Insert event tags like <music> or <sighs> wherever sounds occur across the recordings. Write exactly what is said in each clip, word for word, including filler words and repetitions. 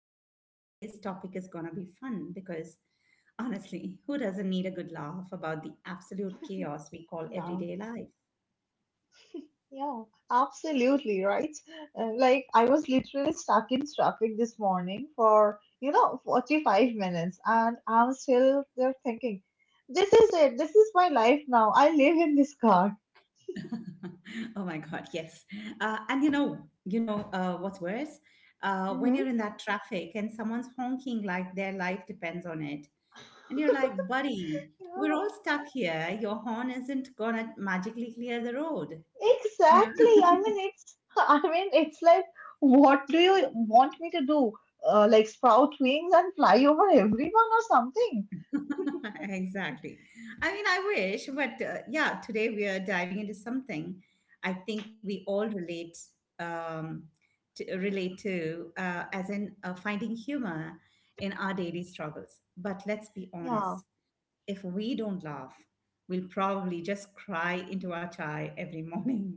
say, today's topic is gonna be fun because honestly, who doesn't need a good laugh about the absolute <laughs> chaos we call Yeah, everyday life? yeah, absolutely right. Uh, like I was literally stuck in traffic this morning for, you know, forty-five minutes, and I'm still there thinking, this is it. This is my life now. I live in this car. <laughs> Oh my God, yes. Uh, and you know, you know uh, What's worse? Uh, when Hmm. you're in that traffic and someone's honking like their life depends on it, and you're like, <laughs> buddy, we're Yeah. all stuck here. Your horn isn't gonna magically clear the road. You know, Exactly. I mean, it's <laughs> I mean, it's like, what do you want me to do? Uh, like sprout wings and fly over everyone or something? <laughs> exactly. I mean, I wish, but uh, yeah, today we are diving into something I think we all relate um, to, relate to, uh, as in uh, finding humor in our daily struggles. But let's be Yeah. honest, if we don't laugh, we'll probably just cry into our chai every <laughs> morning.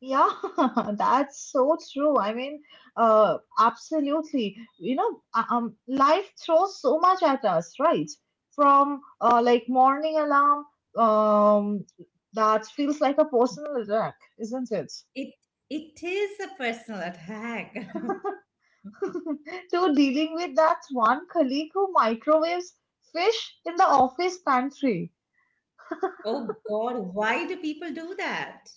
Yeah, <laughs> that's so true. I mean, uh, absolutely. You know, uh, um, life throws so much at us, right? From uh, like morning alarm, um, that feels like a personal attack, isn't it? It it is a personal attack. <laughs> <laughs> To dealing with that one colleague who microwaves fish in the office pantry. Oh God, why do people do that?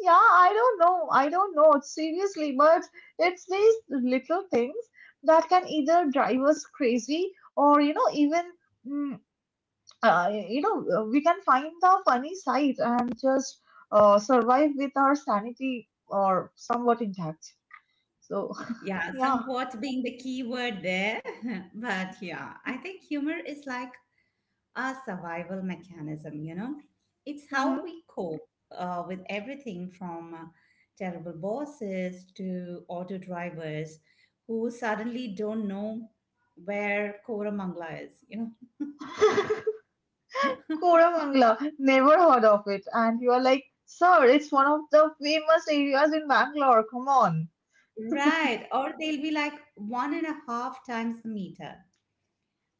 Yeah, I don't know. I don't know. Seriously, but it's these little things that can either drive us crazy or, you know, even, mm, uh, you know, uh, we can find the funny side and just uh, survive with our sanity or somewhat intact. So, <laughs> Yeah, yeah. somewhat being the key word there. <laughs> But yeah, I think humor is like a survival mechanism, you know? It's how we cope uh, with everything from uh, terrible bosses to auto drivers who suddenly don't know where Koramangala is, you know? Hmm. <laughs> Koramangala, never heard of it. And you are like, sir, it's one of the famous areas in Bangalore. Come on. Right. Or they'll be like one and a half times the meter.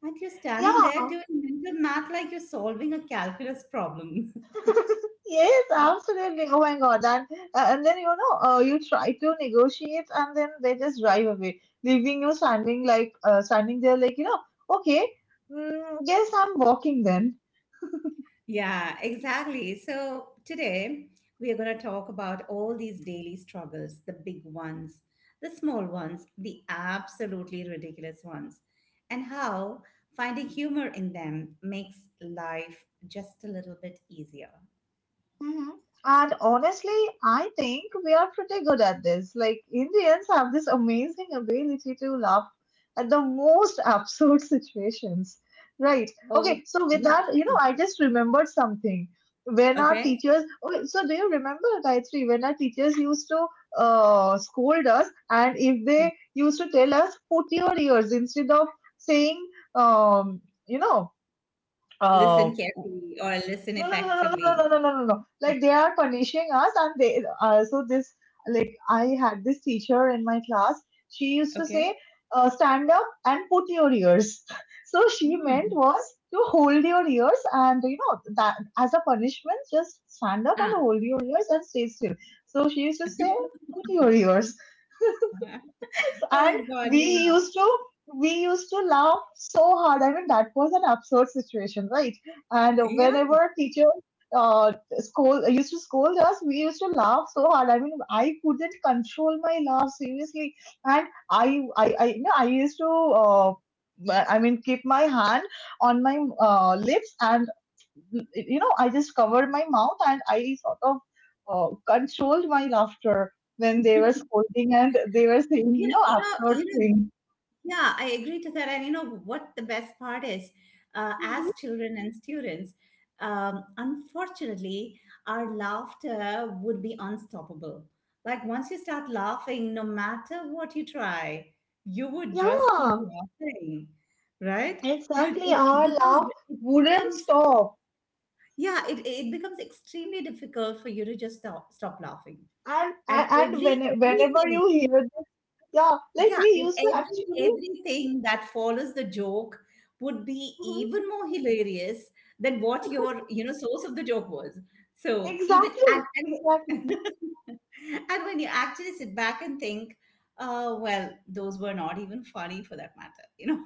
And you're Yeah, standing there doing mental math like you're solving a calculus problem. yes, <laughs> absolutely. Oh my God. And uh, and then, you know, uh, you try to negotiate, and then they just drive away, leaving you standing like uh, standing there, like you know, okay, mm, guess I'm walking then. Yeah, exactly. So today we are going to talk about all these daily struggles, the big ones, the small ones, the absolutely ridiculous ones, and how finding humor in them makes life just a little bit easier. Mhm. And honestly, I think we are pretty good at this. Like, Indians have this amazing ability to laugh at the most <laughs> absurd situations. Right. Oh, Okay. So, with yeah. that, you know, I just remembered something. When our Okay. Teachers, okay, so do you remember, Gayatri, when our teachers used to uh, scold us, and if they used to tell us, put your ears, instead of saying, um, you know, uh, Listen carefully or listen no, no, no, no, no, effectively. no, no, no, no, no. Like they are punishing us. And they uh, So this, like I had this teacher in my class. She used to Okay. say, uh, "Stand up and put your ears." <laughs> So she meant Hmm. was to hold your ears, and you know that as a punishment, just stand up and Ah. hold your ears and stay still. So she used to say, "Put your ears," <laughs> and Oh, God. we Yeah. used to we used to laugh so hard. I mean, that was an absurd situation, right? And Yeah. whenever teacher uh, scold used to scold us, we used to laugh so hard. I mean, I couldn't control my laugh, seriously, and I I I, you know, I used to uh, I mean, keep my hand on my uh, lips, and you know I just covered my mouth, and I sort of uh, controlled my laughter when they were <laughs> scolding and they were saying You you know, know you know, short you know, things. Yeah, I agree to that. And you know what the best part is? Uh, as Mhm. children and students, um, unfortunately, our laughter would be unstoppable. Like once you start laughing, no matter what you try, you would just keep Yeah, laughing, right? You exactly. it, it Our becomes laugh it wouldn't becomes stop. yeah it, it becomes extremely difficult for you to just stop stop laughing. And And and, and every when, whenever everything you hear this, yeah, like yeah, we and used to actually. every everything that follows the joke would be Mhm. even more hilarious than what your, you know, source of the joke was. So even and Exactly, and, exactly. <laughs> and when you actually sit back and think, uh, well, those were not even funny for that matter, you know.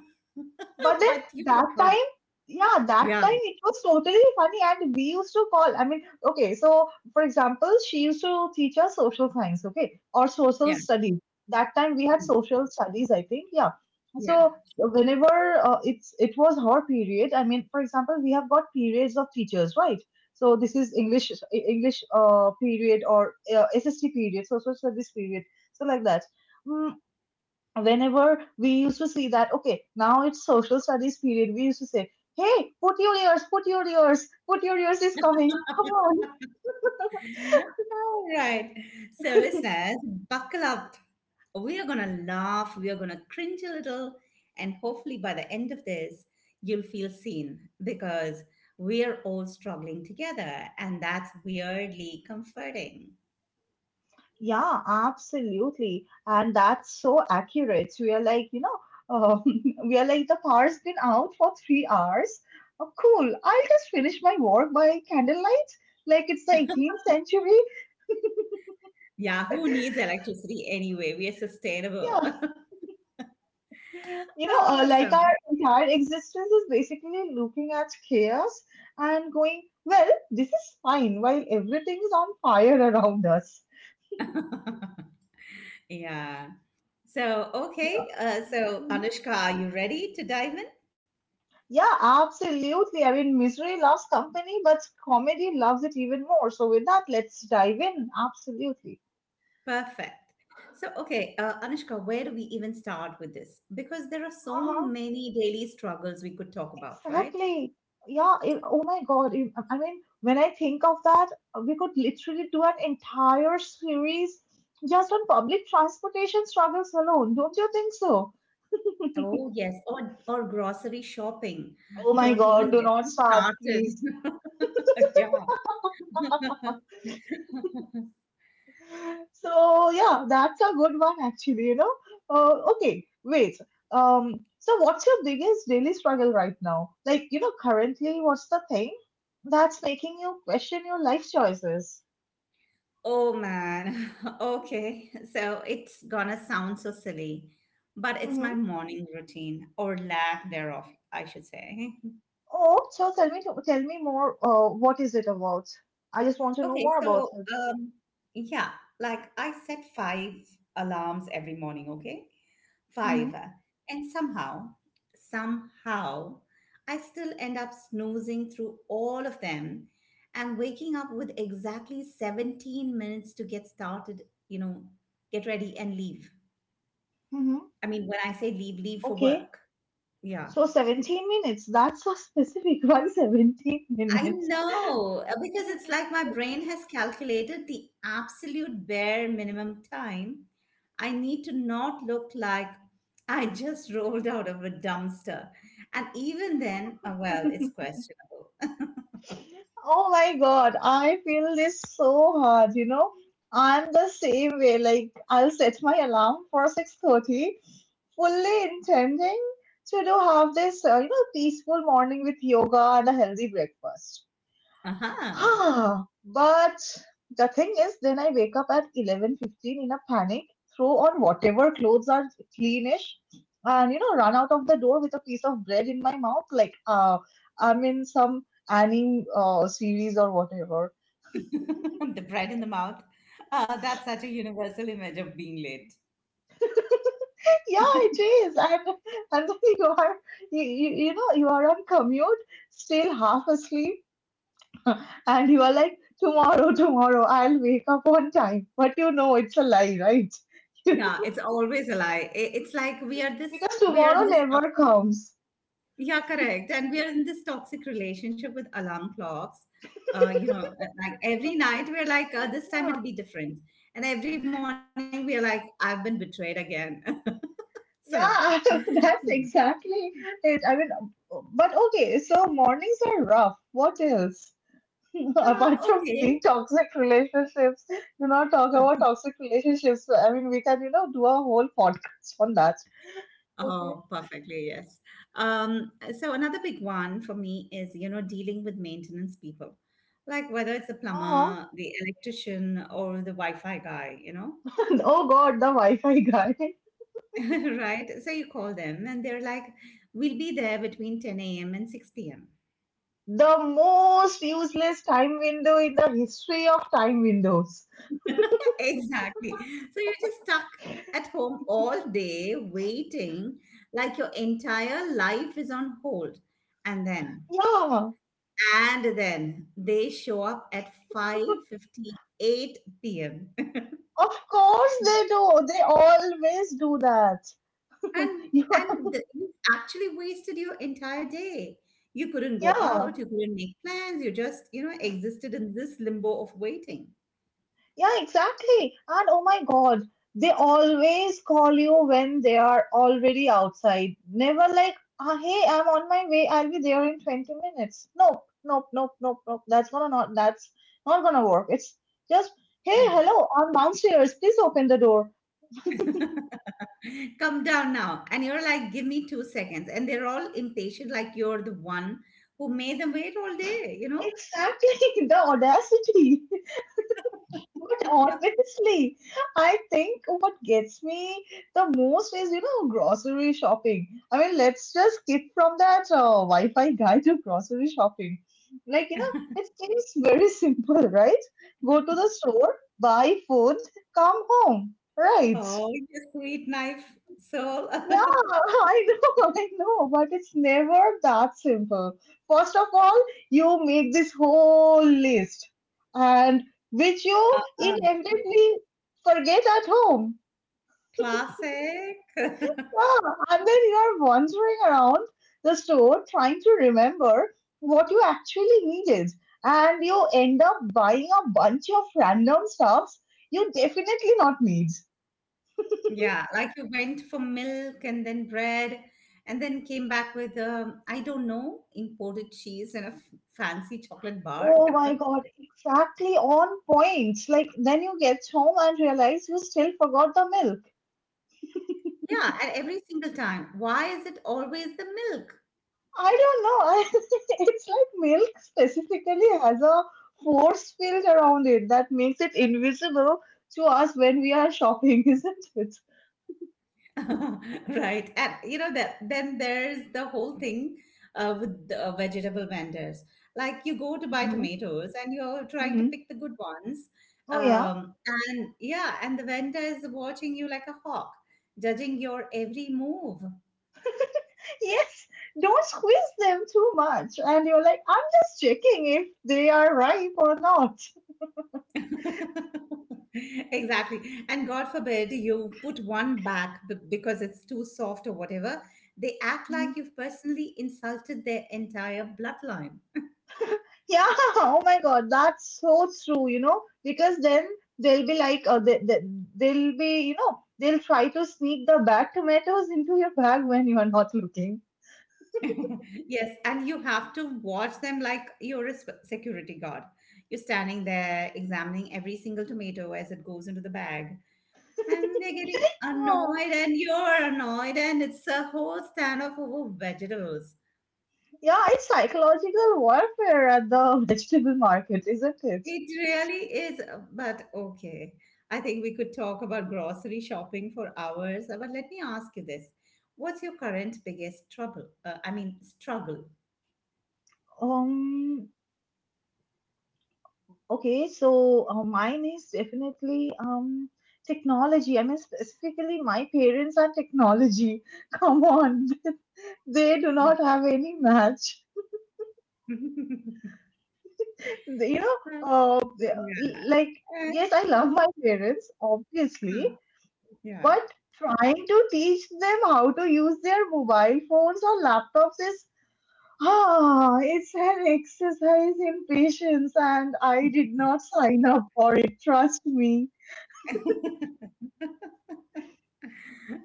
But <laughs> then But you would that have found it. time, yeah, that Yeah, time it was totally funny, and we used to call. I mean, okay, so for example, she used to teach us social science, okay, or social yeah, studies. That time we had social studies, I think, yeah. yeah. So whenever uh, it's it was her period. I mean, for example, we have got periods of teachers, right? So this is English English uh, period, or uh, S S T period, social studies period, so like that. Mm, Whenever we used to see that, okay, now it's social studies period, we used to say, hey, put your ears, put your ears, put your ears is coming, come on. <laughs> All right. So listeners, buckle up. We are going to laugh, we are going to cringe a little, and hopefully by the end of this, you'll feel seen because we are all struggling together, and that's weirdly comforting. Yeah, absolutely. And that's so accurate. We are like, you know, um, <laughs> we are like, the power's been out for three hours. Oh, cool. I'll just finish my work by candlelight. Like it's the eighteenth century. Yeah, who needs electricity anyway? We are sustainable. Yeah. <laughs> You know, uh, like our entire existence is basically looking at chaos and going, well, this is fine while everything is on fire around us. Awesome. <laughs> Yeah. So, okay. Uh, so, Mhm. Anushka, are you ready to dive in? Yeah, absolutely. I mean, misery loves company, but comedy loves it even more. So, with that, let's dive in. Absolutely. Perfect. So, okay, uh, Anushka, where do we even start with this? Because there are so many daily struggles we could talk about, right? Exactly. Yeah. It- oh my God. it- I mean, when I think of that, we could literally do an entire series just on public transportation struggles alone. Don't you think so? Oh, yes, or or grocery shopping. Oh my Don't God. even Do get not me start, please. started. <laughs> Yeah. So, yeah, that's a good one, actually, you know? Uh, okay. Wait. Um, so what's your biggest daily struggle right now? Like, you know, currently, what's the thing that's making you question your life choices? Oh man. <laughs> Okay. So it's gonna sound so silly, but it's my morning routine or lack thereof, I should say. Oh, so tell me, to, tell me more. Uh, what is it about? I just want to know Okay, more about so it. um, yeah, like I set five alarms every morning, okay? Five. Mm-hmm. uh, And somehow, somehow, I still end up snoozing through all of them and waking up with exactly seventeen minutes to get started, you know, get ready and leave. Mm-hmm. I mean, when I say leave, leave for Okay, work. Yeah. so seventeen minutes. That's so specific. <laughs> Why seventeen I minutes? know uh, because it's like my brain has calculated the absolute bare minimum time I need to not look like <laughs> I just rolled out of a dumpster. And even then, uh, well, it's questionable. <laughs> Oh my God, I feel this so hard, you know. I'm the same way. Like I'll set my alarm for six thirty, fully intending to do have this, uh, you know, peaceful morning with yoga and a healthy breakfast. Uh-huh. Ah, but the thing is, then I wake up at eleven fifteen in a panic, throw on whatever clothes are cleanish, and, you know, run out of the door with a piece of bread in my mouth, like uh, I'm in some anime uh, series or whatever. <laughs> The bread in the mouth. Uh, that's such a universal image of being late. Yeah, it is. And <laughs> and then you are you, you, you know you are on commute, still half asleep, <laughs> and you are like, tomorrow, tomorrow, I'll wake up on time. But you know it's a lie, right? <laughs> Yeah, it's always a lie. I- It's like we are this, Because we are in tomorrow this never toxic. comes. Yeah, correct. And we are in this toxic relationship with alarm clocks. Uh, you know, uh, like every night we're like, uh, this time Yeah, it'll be different, and every morning we're like, I've been betrayed again. <laughs> so, yeah, <laughs> that's exactly it. I mean, but okay, so mornings are rough. What else? <laughs> Apart uh, from okay. being toxic relationships, do not talk about toxic relationships. I mean, we can, you know, do a whole podcast on that. Okay. Oh, perfectly, yes. Um, so another big one for me is, you know, dealing with maintenance people, like whether it's the Uh huh. plumber, the electrician, or the Wi-Fi guy, you know, <laughs> Oh God, the Wi Fi guy. <laughs> <laughs> right? So you call them and they're like, we'll be there between ten a m and six p m The most useless time window in the history of time windows. <laughs> Exactly. So you're just stuck at home all day waiting, like your entire life is on hold. And then Yeah, And then they show up at five fifty-eight p m <laughs> of course they do. They always do that. And and <laughs> th- you actually wasted your entire day. You couldn't go Yeah, out, you couldn't make plans, you just, you know, existed in this limbo of waiting. yeah, exactly. And oh my God, they always call you when they are already outside. Never like, ah, hey, I'm on my way. I'll be there in twenty minutes. Nope, nope, nope, nope, nope. That's gonna not, that's not gonna work. It's just, hey, Yeah. hello, I'm downstairs. Please open the door. Come down now. And you're like, give me two seconds. And they're all impatient, like you're the one who made them wait all day, you know? Exactly, <laughs> the audacity. But <laughs> honestly, I think what gets me the most is, you know, grocery shopping. I mean, let's just skip from that uh, Wi-Fi guy to grocery shopping. Like, you know, it seems very <laughs> simple, right? Go to the store, buy food, come home, right? Oh, your sweet knife soul. Yeah, <laughs> I know, <laughs> I know, but it's never that simple. First of all, you make this whole list, and which you Uh, uh, inevitably forget at home. Classic. <laughs> Yeah, and then you are wandering around the store trying to remember what you actually needed, and you end up buying a bunch of random stuffs you definitely not need. Yeah, like you went for milk and then bread and then came back with, um, I don't know, imported cheese and a f- fancy chocolate bar. Oh my God, exactly on point. Like, then you get home and realize you still forgot the milk. Yeah, and every single time. Why is it always the milk? I don't know. <laughs> It's like milk specifically has a force field around it that makes it invisible to us when we are shopping, <laughs> isn't it? <laughs> Right. And you know that then there's the whole thing uh, with the uh, vegetable vendors. Like you go to buy Mhm. tomatoes and you're trying to Hmm. pick the good ones. Oh, yeah. Um, and Yeah, and the vendor is watching you like a hawk, judging your every move. Yes, don't squeeze them too much. And you're like, I'm just checking if they are ripe or not. <laughs> Exactly. And God forbid you put one back b- because it's too soft or whatever. They act like you've personally insulted their entire bloodline. Yeah, <laughs> oh my God, that's so true, you know, because then they'll be like, uh, they, they, they'll be, you know, they'll try to sneak the bad tomatoes into your bag when you are not looking. <laughs> Yes, and you have to watch them like you're a sp- security guard. You're standing there examining every single tomato as it goes into the bag, <laughs> and they're getting Yeah, annoyed, and you're annoyed, and it's a whole standoff over vegetables. yeah, it's psychological warfare at the <laughs> vegetable market, isn't it? It really is, uh, but okay. I think we could talk about grocery shopping for hours, uh, but let me ask you this. What's your current biggest trouble? Uh, I mean, struggle. Um, okay, so uh, mine is definitely um technology. I mean, specifically my parents and technology. <laughs> Come on, <laughs> they do not <laughs> have any match. Yeah. the- you know, uh, the- like, yes, I love my parents, obviously, Uh, yeah. but trying to teach them how to use their mobile phones or laptops is, ah, it's an exercise in patience, and I did not sign up for it, trust me. <laughs>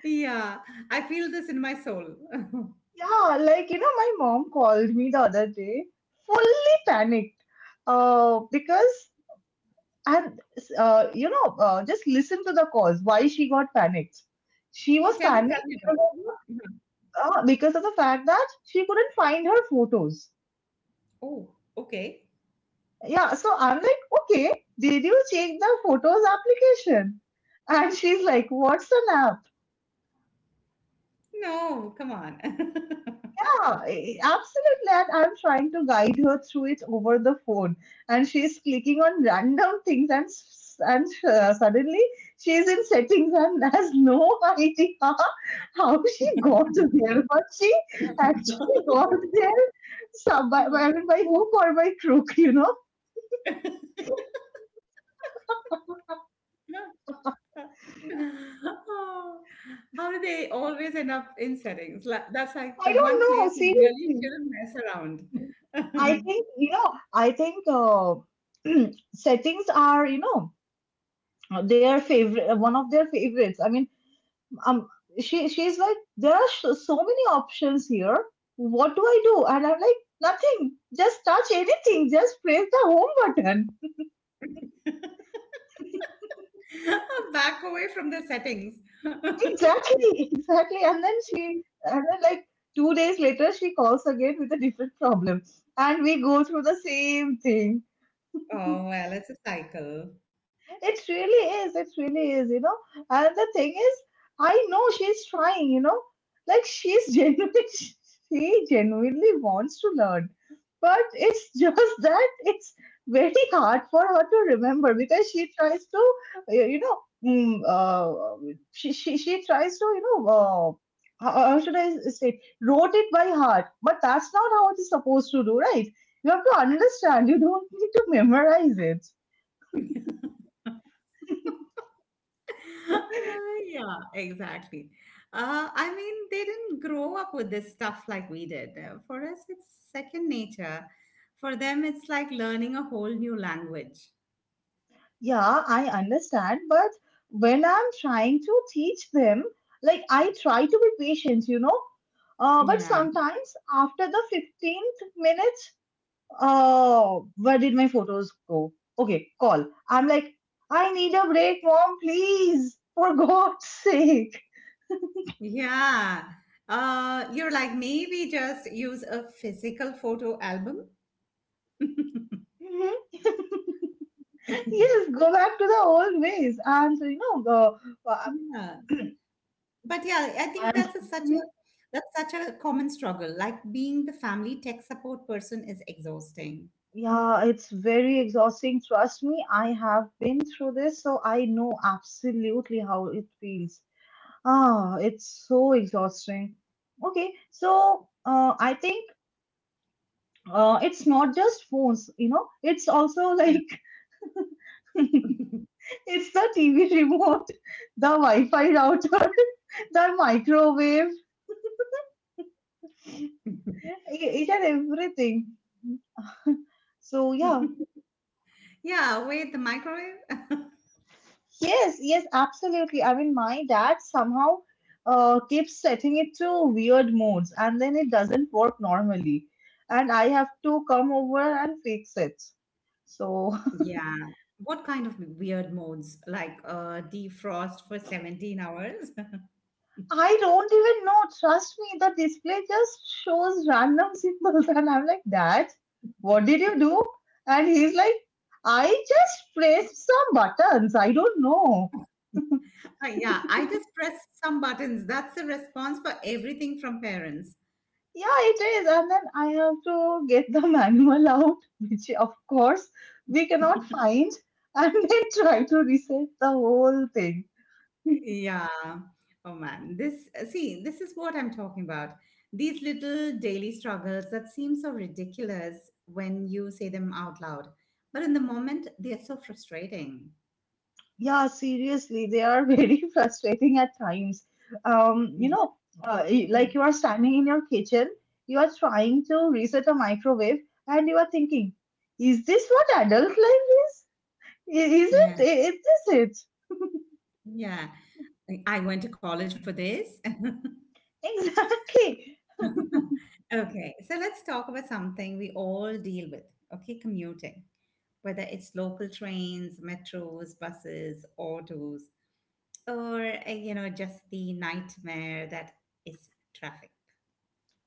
Yeah, I feel this in my soul. <laughs> Yeah, like, you know, my mom called me the other day, fully panicked, uh, because. And uh, you know, uh, just listen to the cause. Why she got panicked? She Oh, was tell me, tell panicked me about because it. of the, Mhm. uh, because of the fact that she couldn't find her photos. Oh, okay. Yeah, so I'm like, okay, did you check the photos application? And she's like, what's an app? No, come on. <laughs> Yeah, eh, absolutely. And I'm trying to guide her through it over the phone, and she's clicking on random things, and s- and uh, suddenly she's in settings and <laughs> has no idea how she got there. But she actually got there, some by, by, I mean, by hook or by crook, you know. Oh, how do they always end up in settings? Like, that's like the I don't one place know. you really Seriously, shouldn't mess I around. <laughs> think you know. I think uh, <clears throat> settings are you know their favorite, one of their favorites. I mean um she she's like, there are sh- so many options here. What do I do? And I'm like, nothing, just touch anything, just press the home button. Back away from the settings. Exactly, exactly. And then she, and then, like, two days later she calls again with a different problem, and we go through the same thing. Oh, well, it's a cycle. It really is. It really is, you know. And the thing is, I know she's trying, you know. Like, she's genuinely, <laughs> she genuinely wants to learn. But it's <laughs> just that it's very hard for her to remember, because she tries to, uh, you know, mm, uh, she, she, she tries to, you know, uh, how how should I say, wrote it by heart. But that's not how it is supposed to do, right? You have to understand. You don't need to memorize it. <laughs> Uh, Yeah, exactly. Uh, I mean, they didn't grow up with this stuff like we did. Uh, For us, it's second nature. For them, it's like learning a whole new language. Yeah, I understand, but when I'm trying to teach them, like, I try to be patient, you know, uh, but Yeah. sometimes after the fifteenth minutes, uh, where did my photos go? Okay, call. I'm like, I need a break, mom, please, for <laughs> God's sake. Yeah. Uh, you're like, maybe just use a physical photo album. <laughs> Mhm. Yes, go back to the old ways. And, you know, uh, uh, Yeah. But yeah, I think and, that's a, such mm-hmm. a that's such a common struggle. Like being the family tech support person is exhausting. Yeah, it's very exhausting. Trust me, I have been through this, so I know absolutely how it feels. Ah, it's so exhausting. Okay, so uh, I think uh, it's not just phones, you know, it's also like <laughs> Yeah. it's the T V remote, the Wi-Fi router, <laughs> the microwave, e- each and everything. <laughs> So yeah. <laughs> Yeah, wait, the microwave? <laughs> Yes, yes, absolutely. I mean, my dad somehow uh, keeps setting it to weird modes and then it doesn't work normally. And I have to come over and fix it. So Yeah. What kind of weird modes? Like uh, defrost for seventeen hours? <laughs> <laughs> I don't even know. Trust me, the display just shows random symbols. <laughs> And I'm like, Dad, what did you do? And he's like, I just pressed some buttons. I don't know. Uh, yeah, I just press some buttons. That's the response for everything from parents. Yeah, it is. And then I have to get the <laughs> manual out, which of course we cannot find, and <laughs> then try to reset the whole thing. <laughs> Yeah. Oh man, this uh, see, this is what I'm talking about. These little daily struggles that seem so ridiculous when you say them out loud, but in the moment they are so frustrating. Yeah, seriously, they are <laughs> very frustrating at times. Um, you know, Yeah. uh, y- <clears throat> like, you are standing in your kitchen, you are trying to reset a microwave, and you are thinking, is this what adult life is? I- Is it? Yeah. I- Is this it? Yeah. I I went to college for this. <laughs> Exactly. Okay, so let's talk about something we all deal with, okay? Commuting, whether it's local trains, metros, buses, autos, or, uh, you know, just the nightmare that is traffic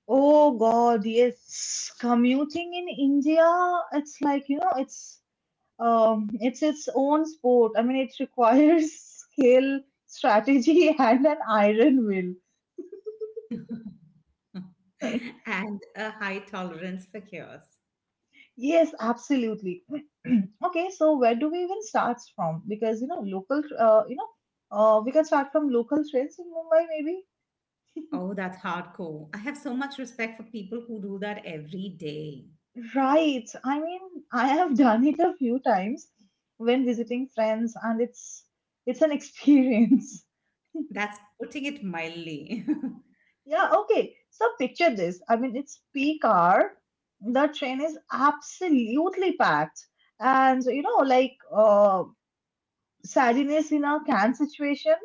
Oh God, yes. Commuting in India, it's like, you know, it's um it's its own sport. I mean, it requires <laughs> skill, strategy, and an iron will. <laughs> and a high tolerance for chaos. Yes, absolutely. <clears throat> Okay, so where do we even start from? Because, you know, local, uh, you know, uh, we can start from local trains in Mumbai, maybe. Oh, that's hardcore. I have so much respect for people who do that every day. Right. I mean, I have <laughs> done it a few times when visiting friends, and it's it's an experience. <laughs> That's putting it mildly. Yeah. Okay. So picture this. I mean, it's peak hour. The train is absolutely packed, and, you know, like, uh, sadness in a can situation,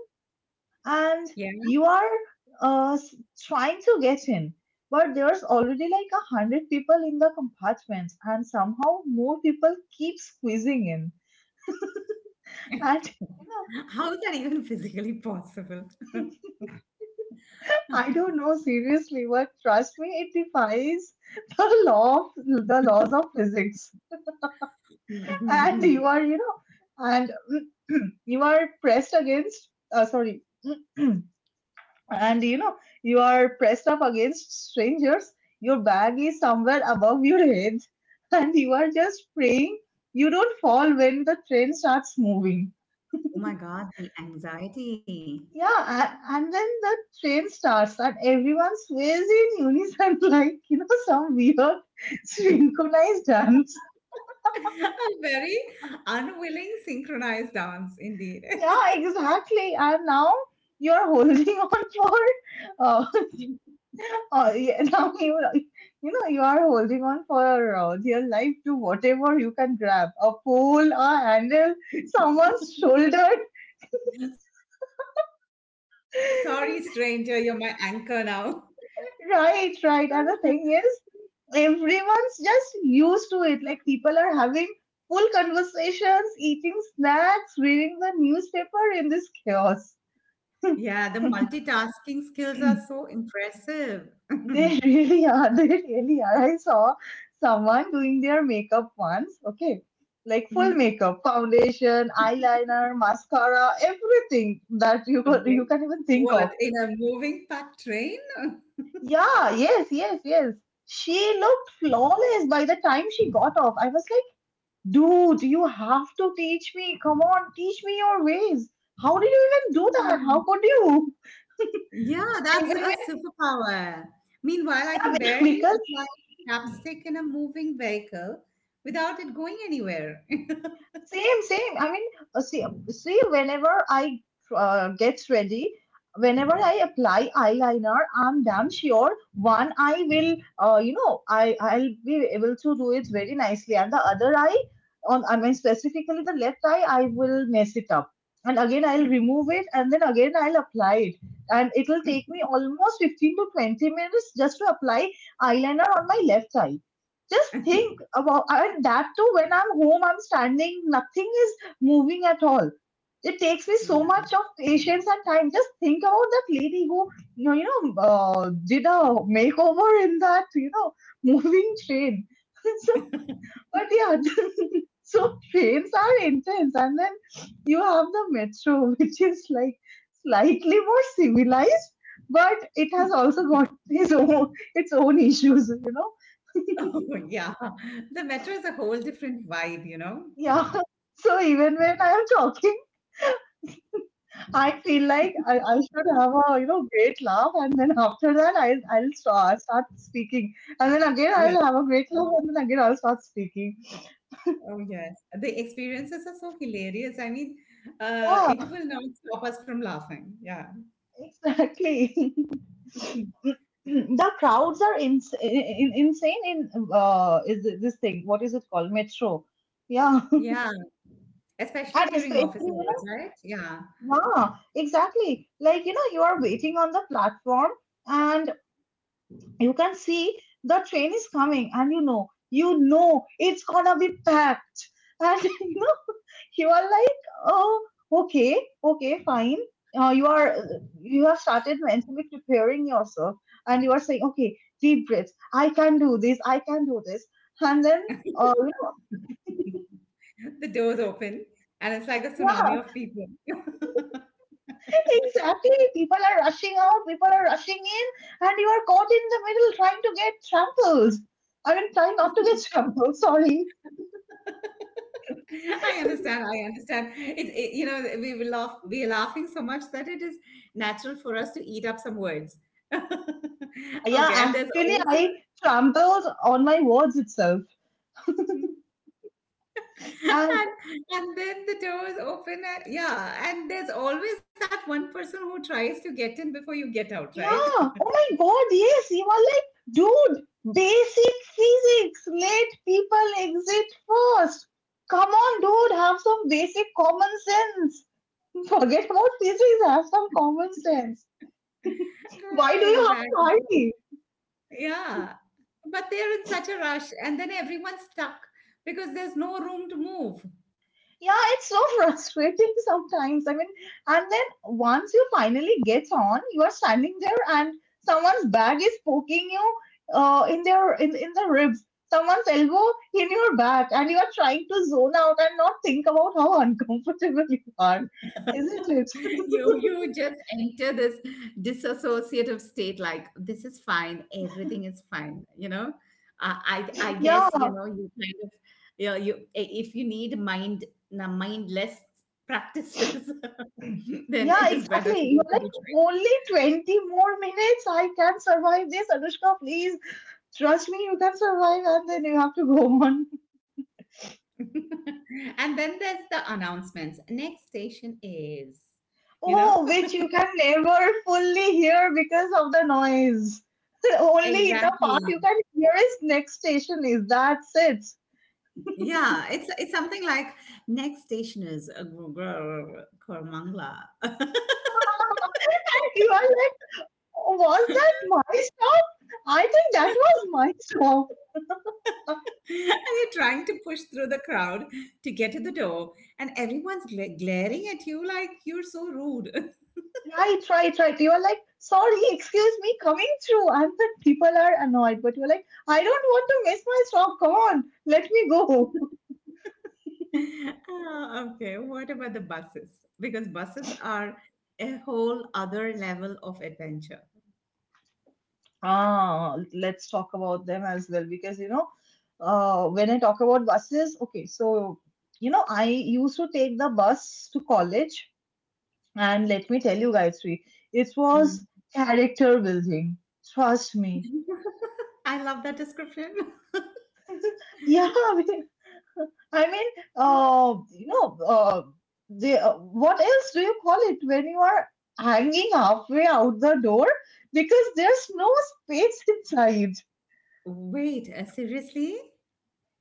and <laughs> Yeah. you are, uh, s- trying to get in, but there's already like a hundred people in the compartments, and somehow more people keep squeezing in, and you How is that even physically possible? know. <laughs> I don't know, seriously, but trust me, it defies the law of the laws of physics. <laughs> And you <laughs> are, you know, and <clears throat> you are pressed against, uh, sorry. <clears throat> And, you know, you are pressed up against strangers, your bag is somewhere above your head, <laughs> and you are just praying you don't fall when the train starts moving. Oh my God, the anxiety. Yeah. A- and then the train starts and everyone sways in unison, <laughs> like, you know, some weird <laughs> <laughs> synchronized dance. A very unwilling synchronized dance, indeed. Yeah, exactly. And now you're holding <laughs> on for uh, <laughs> Oh, yeah. <laughs> Now, you know, you know you are holding on for, uh, dear life, to whatever you can grab, a pole, a handle, someone's shoulder. Sorry, stranger, you're my anchor <laughs> now. <laughs> Right, right. And the thing is, everyone's just used to it. Like, people are having full conversations, eating snacks, reading the newspaper in this chaos. Yeah, the multitasking skills are so impressive. <laughs> They <laughs> really are. They really are. I saw someone doing their makeup once. Okay. Like, full Mhm. makeup, foundation, eyeliner, mascara, everything that you could, Okay. you can even think What, of. in a moving packed train? Yeah, yes, yes, yes. She looked flawless by the time she got off. I was like, dude, you have to teach me. Come on, teach me your ways. How did you even do that? How could <laughs> you? Yeah, <laughs> that's Even a when, superpower. Meanwhile, I can yeah, <laughs> barely because. apply chapstick in a moving vehicle without it going anywhere. <laughs> Same, same. I mean, uh, see, um, see, whenever I uh, gets ready, whenever I apply eyeliner, I'm damn sure one eye will, uh, you know, I I'll be able to do it very nicely, and the other eye, on, I mean specifically the left eye, I will mess it up, and again I'll remove it, and then again I'll apply it, and it'll take me almost fifteen to twenty minutes just to apply eyeliner on my left eye. Just think about And that too, when I'm home, I'm standing, nothing is moving at all. It takes me Yeah. so much of patience and time. Just think about that lady who, you know, you know uh, did a makeover in that, you know, moving train. <laughs> So, but yeah, <laughs> so trains are intense. And then you have the metro, <laughs> which is like slightly more civilized, but it has also got its own its own issues, you know. Oh, <laughs> yeah, the metro is a whole different vibe, you know? Yeah. <laughs> So even when I am talking, I feel like I, I should have a, you know, great laugh, and then after that I I'll start, start speaking, and then again Yeah. I'll have a great laugh, and then again I'll start speaking. Oh, yes. The experiences are so hilarious. I mean, uh, Yeah, it will not stop us from laughing. Yeah. exactly. Mhm. <laughs> The crowds are ins- in, insane in, uh is it this thing, what is it called, metro? Yeah. Yeah. <laughs> Especially And during especially, office you hours, know, right? Yeah. yeah, exactly. Like, you know, you are waiting on the platform, and you can see the train is coming, and you know you know it's gonna be packed, and <laughs> you know you are like, oh, okay, okay, fine, uh, you are, you have started mentally preparing yourself, and you are saying, okay, deep breaths, i can do this I can do this. And then, uh, you <laughs> The doors open and it's like know, a tsunami yeah, of people. <laughs> <laughs> exactly. People are rushing out, people are rushing in, and you are caught in the middle trying to get trampled. I mean, trying not to get <laughs> trampled, sorry. I understand, I understand. It, it- you know we will laugh, we are laughing so much that it is natural for us to eat up some words. <laughs> Okay. Yeah, And there's actually, also I trampled on my words itself. hmm, And and, and then the doors open and, yeah, and there's always that one person who tries to get in before you get out, right? yeah, oh my God, yes, you are like, dude, basic physics, let people exit first. Come on, dude, have some basic common sense. <laughs> Forget about physics, have some common sense. Why do you have Exactly. to hide? Yeah. But they're in such a rush, and then everyone's stuck because there's no room to move. Yeah, it's so <laughs> frustrating sometimes. I mean, and then once you finally get on, you are standing there, and someone's bag is poking you, uh, in their in, in the ribs, someone's elbow in your back, and you are trying to zone out and not think about how uncomfortable <laughs> you are, isn't it? you <laughs> you just enter this disassociative state. Like, this is fine, everything is fine you know uh, i i guess, Yeah, you know, you kind of you know You, if you need mind na- mindless practices <laughs> then yeah, it is better to exactly. go You're like, to only twenty more minutes. I can survive this, Anushka. Please, trust me, you can survive, and then you have to go <laughs> on. Detroit. <laughs> And then there's the announcements. Next station is you know Oh, which you can never fully hear because of the noise. <laughs> Only the exactly. part you can hear is, next station is, that's it. Yeah, it's it's something like, next station is uh, Gr- Gr- Gr- Kormangla. <laughs> And you are like, was that my stop? I think that was my stop. <laughs> <laughs> And you're trying to push through the crowd to get to the door, and everyone's gla- glaring at you like you're so rude. <laughs> Right, right, right. You are like, sorry, excuse me, coming through. And then people are annoyed, but you're like, I don't want to miss my stop. Come on, let me go. Ah, okay, what about the buses? Because buses are a whole other level of adventure. Ah, let's talk about them as well. Because, you know, uh, when I talk about buses, okay, so, you know, I used to take the bus to college, and let me tell you guys, we it was Mm. character building. Trust me. <laughs> I love that description. Yeah, <laughs> because- I mean, uh, you know, uh, the uh, what else do you call it when you are hanging halfway out the door because there's no space <laughs> inside? <laughs> Wait, uh, seriously?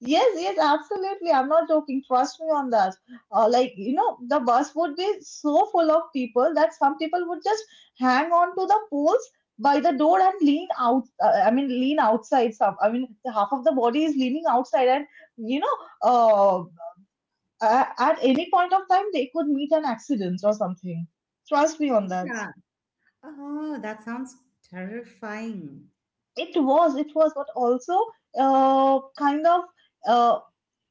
Yes, yes, absolutely. I'm not joking. Trust me on that. Uh, like, you know, the bus would be so full of people that some people would just hang on to the poles by the door and lean out. Uh, I mean, lean outside. Some, I mean, the half of the body is leaning outside, and, you know, uh, a- at any point of time, they could meet an accident or something. Trust me on that. Yeah. Oh, that sounds terrifying. It was, it was, but also, uh, kind of Uh,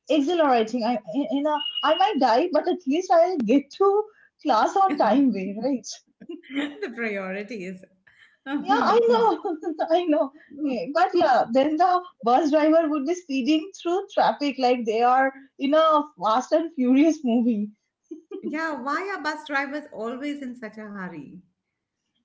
exhilarating. I, you know, I might die, but at least I'll get to class on time <laughs> way, right? The priorities. <laughs> Yeah, I know, <laughs> I know. Eh, But yeah, then the bus driver would be speeding through traffic like they are in a Fast and Furious movie. Yeah, why are bus drivers always in such a hurry?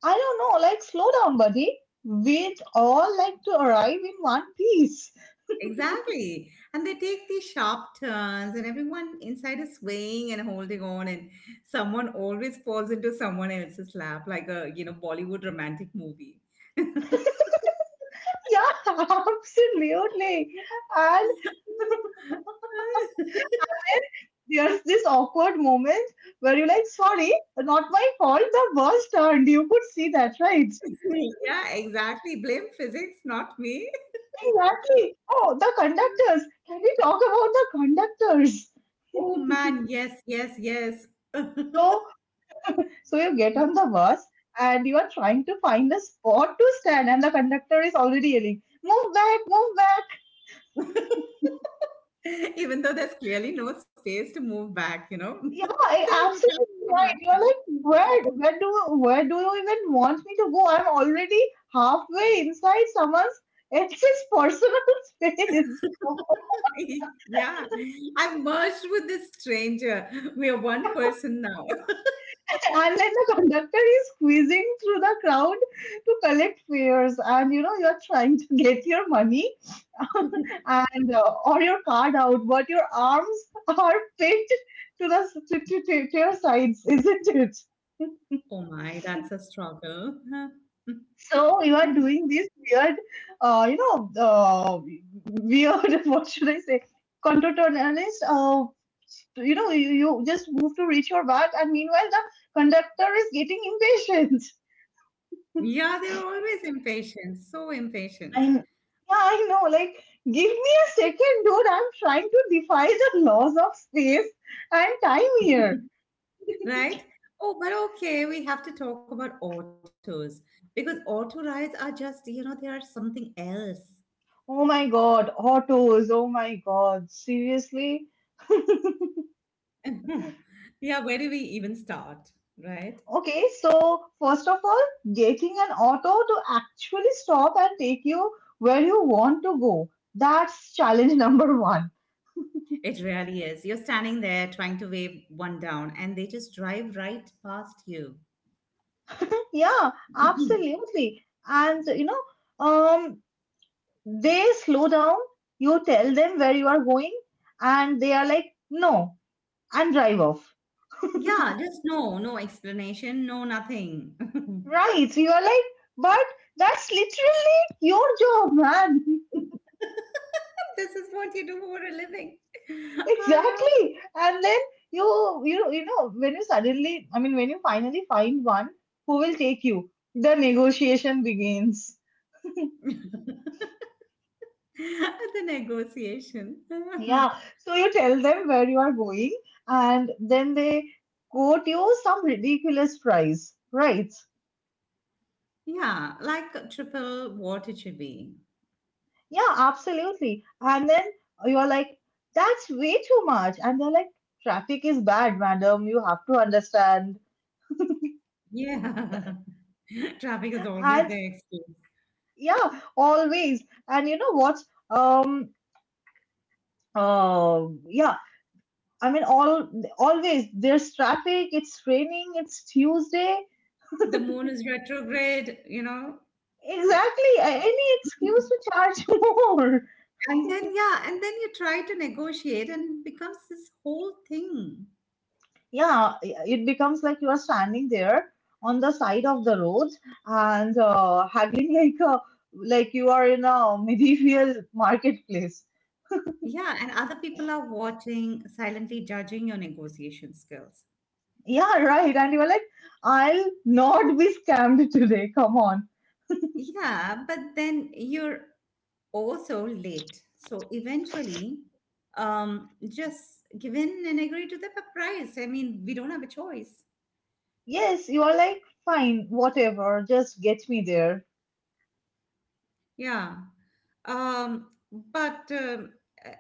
I don't know, like, slow down, buddy. We'd all like to arrive in one piece. <laughs> Exactly. And they take these sharp turns, and everyone inside is swaying and holding on, and someone always falls into someone else's lap, like a, you know, Bollywood romantic movie. <laughs> Yeah, <laughs> absolutely. And <laughs> And there's this awkward moment where you're like, sorry, not my fault, the bus turned. You could see that, right? Yeah, exactly. Blame physics, not me. Exactly. Oh, the conductors. Can we talk about the conductors? Oh man, yes, yes, yes. <laughs> So, so you get on the bus and you are trying to find a spot to stand, and the conductor is already yelling, move back, move back. <laughs> Even though there's clearly no space to move back, you know, <laughs> Yeah, I- you can't Absolutely move back. right. <laughs> You're like, where, where do, where do you even want me to go? I'm already halfway inside someone's, it's his personal <laughs> space. Yeah, I've merged with this stranger. We are one person now. <laughs> And then the conductor is squeezing through the crowd to collect fares, and you know you're trying to get your money and uh, or your card out, but your arms <laughs> are pinned to the to, to, to, to your sides, isn't it? Oh my, that's a struggle. <laughs> So you are Huh. doing these weird, uh, you know, uh, weird. <laughs> What should I say? Contortionist. Uh, you know, you, you just move to reach your bag, and meanwhile the conductor is getting impatient. Yeah, they're always impatient, so impatient, I kn- Yeah, I know. Like, give me a second, dude. I'm trying to defy the laws of space and time here. right? Oh, but okay, we have to talk about autos because auto rides are just, you know, they are something else. Oh my God, autos. Oh my God, seriously. <laughs> Yeah, where do we even start, right? Okay, so first of all, getting an auto to actually stop and take you where you want to go. That's challenge <laughs> number one. It really is. You're standing there trying to wave one down, and they just drive right past you. Yeah, Mhm. absolutely. And you know, um, they slow down, you tell them where you are going, and they are like, no, and drive off. Yeah, just no, no explanation, no nothing. <laughs> Right. You are like, but that's literally your job, man. <laughs> This is what you do for a living. <laughs> Exactly. And then you you you know when you suddenly I mean when you finally find one who will take you, the negotiation begins. Ah, the negotiation. <laughs> Yeah. So you tell them where you are going and then they quote you some ridiculous price, right? Yeah, like triple what it should be. Yeah, absolutely. And then you're like, that's way too much. And they're like, traffic is bad, madam. You have to understand. Yeah. <laughs> Traffic is always And the excuse. yeah, always. And you know what? Um Um, yeah, I mean, all always there's traffic. It's raining. It's Tuesday. The moon is retrograde, you know. Exactly. a- Any excuse to charge <laughs> more. And then, yeah, and then you try to negotiate and it becomes this whole thing. Yeah, it becomes like you are standing there on the side of the road and uh, having <laughs> like a like you are in a medieval marketplace. Yeah, and other people are watching, silently judging your negotiation skills. Yeah, right. And you are like, I'll not be scammed today. Come on. Yeah, but then you're also late. So eventually, um, just give in and agree to the p- price. I mean, we don't have a choice. Yes, you are like, fine, whatever. Just get me there. Yeah. Um, but, um, uh,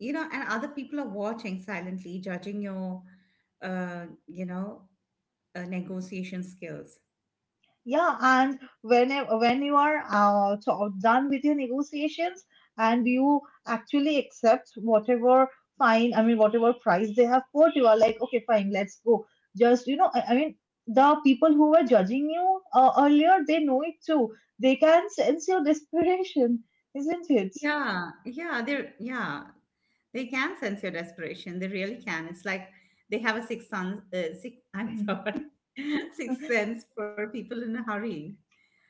you know, and other people are watching silently, judging your, uh, you know, uh, negotiation skills. Yeah, and when e-, when you are uh, so done with your negotiations and you actually accept whatever fine, I mean whatever price they have put, you are like, okay, fine, let's go. Just you know, I, I mean the people who were judging you uh, earlier, they know it too. They can sense your desperation, <laughs> isn't it? Yeah, yeah, they're yeah, they can sense your desperation. They really can. It's like they have a sixth sense. Uh, six, I'm <clears throat> sorry, <laughs> sixth sense for people in a hurry.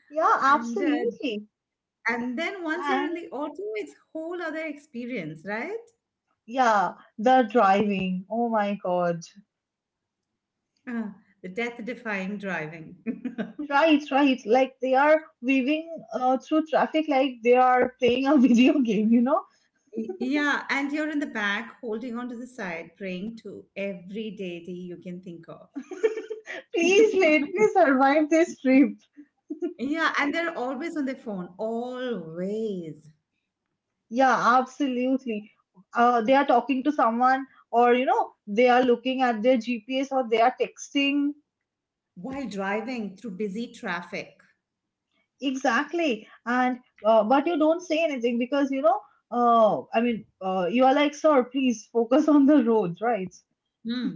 Yeah, And uh, absolutely. and then once you're in And the auto, it's whole other experience, right? yeah, the driving. Oh my God. Uh, the death-defying driving. <laughs> Right, right. Like they are weaving uh, through traffic like they are playing a <laughs> video game, you know? Y- Yeah, and you're in the back holding on to the side, praying to every deity you can think of. Please let me survive this trip. Yeah, and they're always on their phone, always, Yeah, absolutely. Uh, they are talking to someone, or you know, they are looking at their G P S or they are texting. while driving through busy traffic. Exactly. And uh, but you don't say anything because you know, uh, I mean, uh, you are like, sir, please focus on the road, right? Hmm.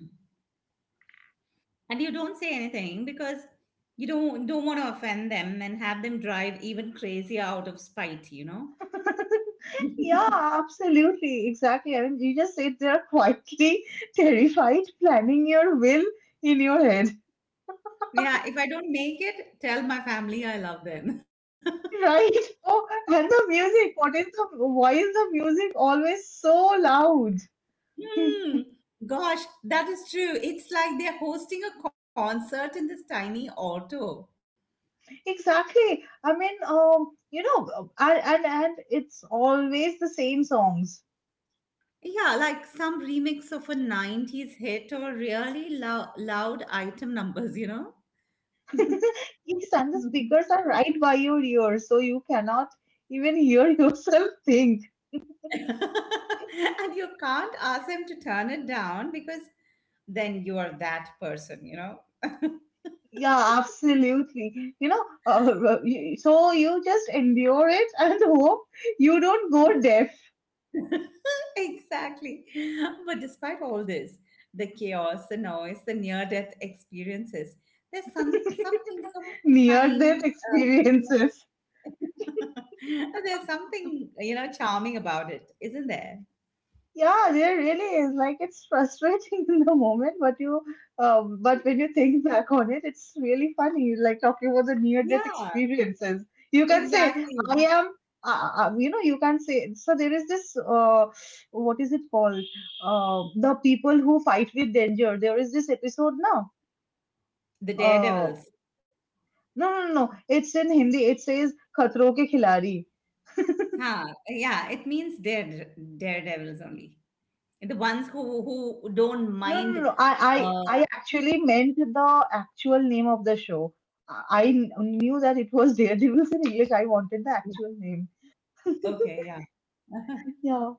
And you don't say anything because you don't don't want to offend them and have them drive even crazier out of spite, you know? Yeah, <laughs> absolutely. Exactly. I mean, you just sit there quietly <laughs> terrified, planning your will in your head, Yeah, if I don't make it, tell my family I love them. <laughs> <laughs> right? Oh, and the music. What is the, why is the music always so loud? <laughs> Hmm. Gosh, that is true. It's like they're hosting a concert in this tiny auto. Exactly. I mean, um, you know, and and, and it's always the same songs. Yeah, like some remix of a nineties hit or really lou- loud item numbers, you know? <laughs> Yes, and the Mhm. speakers are right by your ear, so you cannot even hear <laughs> yourself think. <laughs> And you can't ask them to turn it down because then you are that person, you know? Yeah, absolutely. You know, uh, r- y- so you just endure it and hope you don't go deaf <laughs> Exactly. But despite all this, the chaos, the noise, the near death experiences, there's some, <laughs> something, some near kind, death uh, experiences. <laughs> there's something, you know, charming about it, isn't there? Yeah, there really is. Like it's frustrating <laughs> in the moment, but you, um, but when you think back on it, it's really funny. Like talking about the near death Yeah, experiences, you can say, exactly. "I am." Uh, uh, you know, you can say. So there is this. Uh, what is it called? Uh, the people who fight with danger. There is this episode now. The Oh, daredevils. no, no, no. no. It's in Hindi. It says Khatron Ke Khiladi. Huh. Yeah, it means dare daredevils only. The ones who who don't No, no, no. mind. no. I, I, Uh, I actually meant the actual name of the show. I I kn- knew that it was Daredevils <laughs> in English. I wanted the yeah, actual name. okay, yeah. <laughs> Yeah.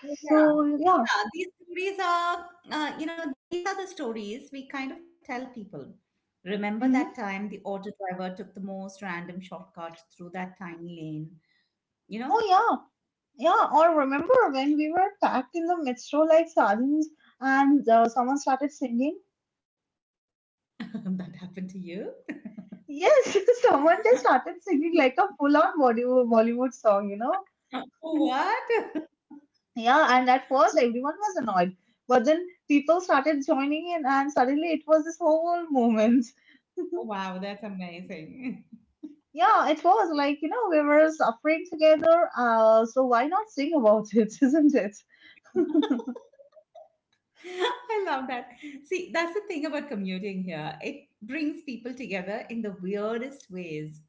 So, yeah. So, yeah. Yeah, these stories are, uh, you know, these are the stories we kind of tell people. Remember that time Hmm. the auto driver took the most random shortcut through that tiny lane? You know, Oh, yeah. Yeah. Or remember when we were packed in the metro like sardines and uh, someone started singing? <laughs> that happened to you? Yes, <laughs> someone just started singing like a full on Bollywood Bollywood song, you know? <laughs> Oh, what? <laughs> Yeah, and at first everyone was annoyed, but then people started joining in, and suddenly it was this whole movement. Oh, wow, that's amazing. Yeah, it was like, you know, we were suffering together, uh, so why not sing about it, <laughs> isn't it? I love that. See, that's the thing about commuting here. It brings people together in the weirdest ways.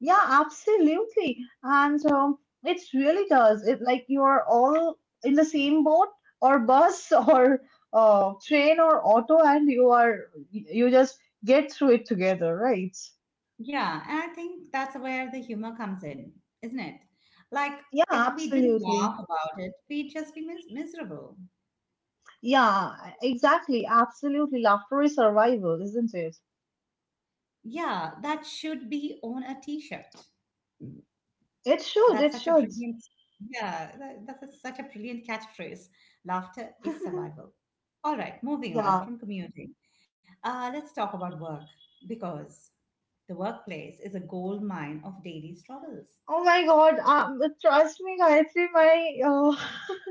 Yeah, absolutely. And um, it really does. It like you are all in the same boat or bus <laughs> or uh, train or auto, and you are you just get through it together, right? Yeah, and I think that's where the humor comes in, isn't it? Like, Yeah, if we didn't absolutely. laugh about it, we'd just be mis- miserable. Yeah, exactly. Absolutely. Laughter is survival, isn't it? Yeah, that should be on a t shirt. It That's such should. a It should. brilliant, yeah, that, that's a- such a brilliant catchphrase. Laughter is <laughs> survival. All right, moving on Yeah. from commuting. Uh, let's talk about work because the workplace is a gold mine of daily struggles. Oh my God. Um, trust me, Gayatri, my uh,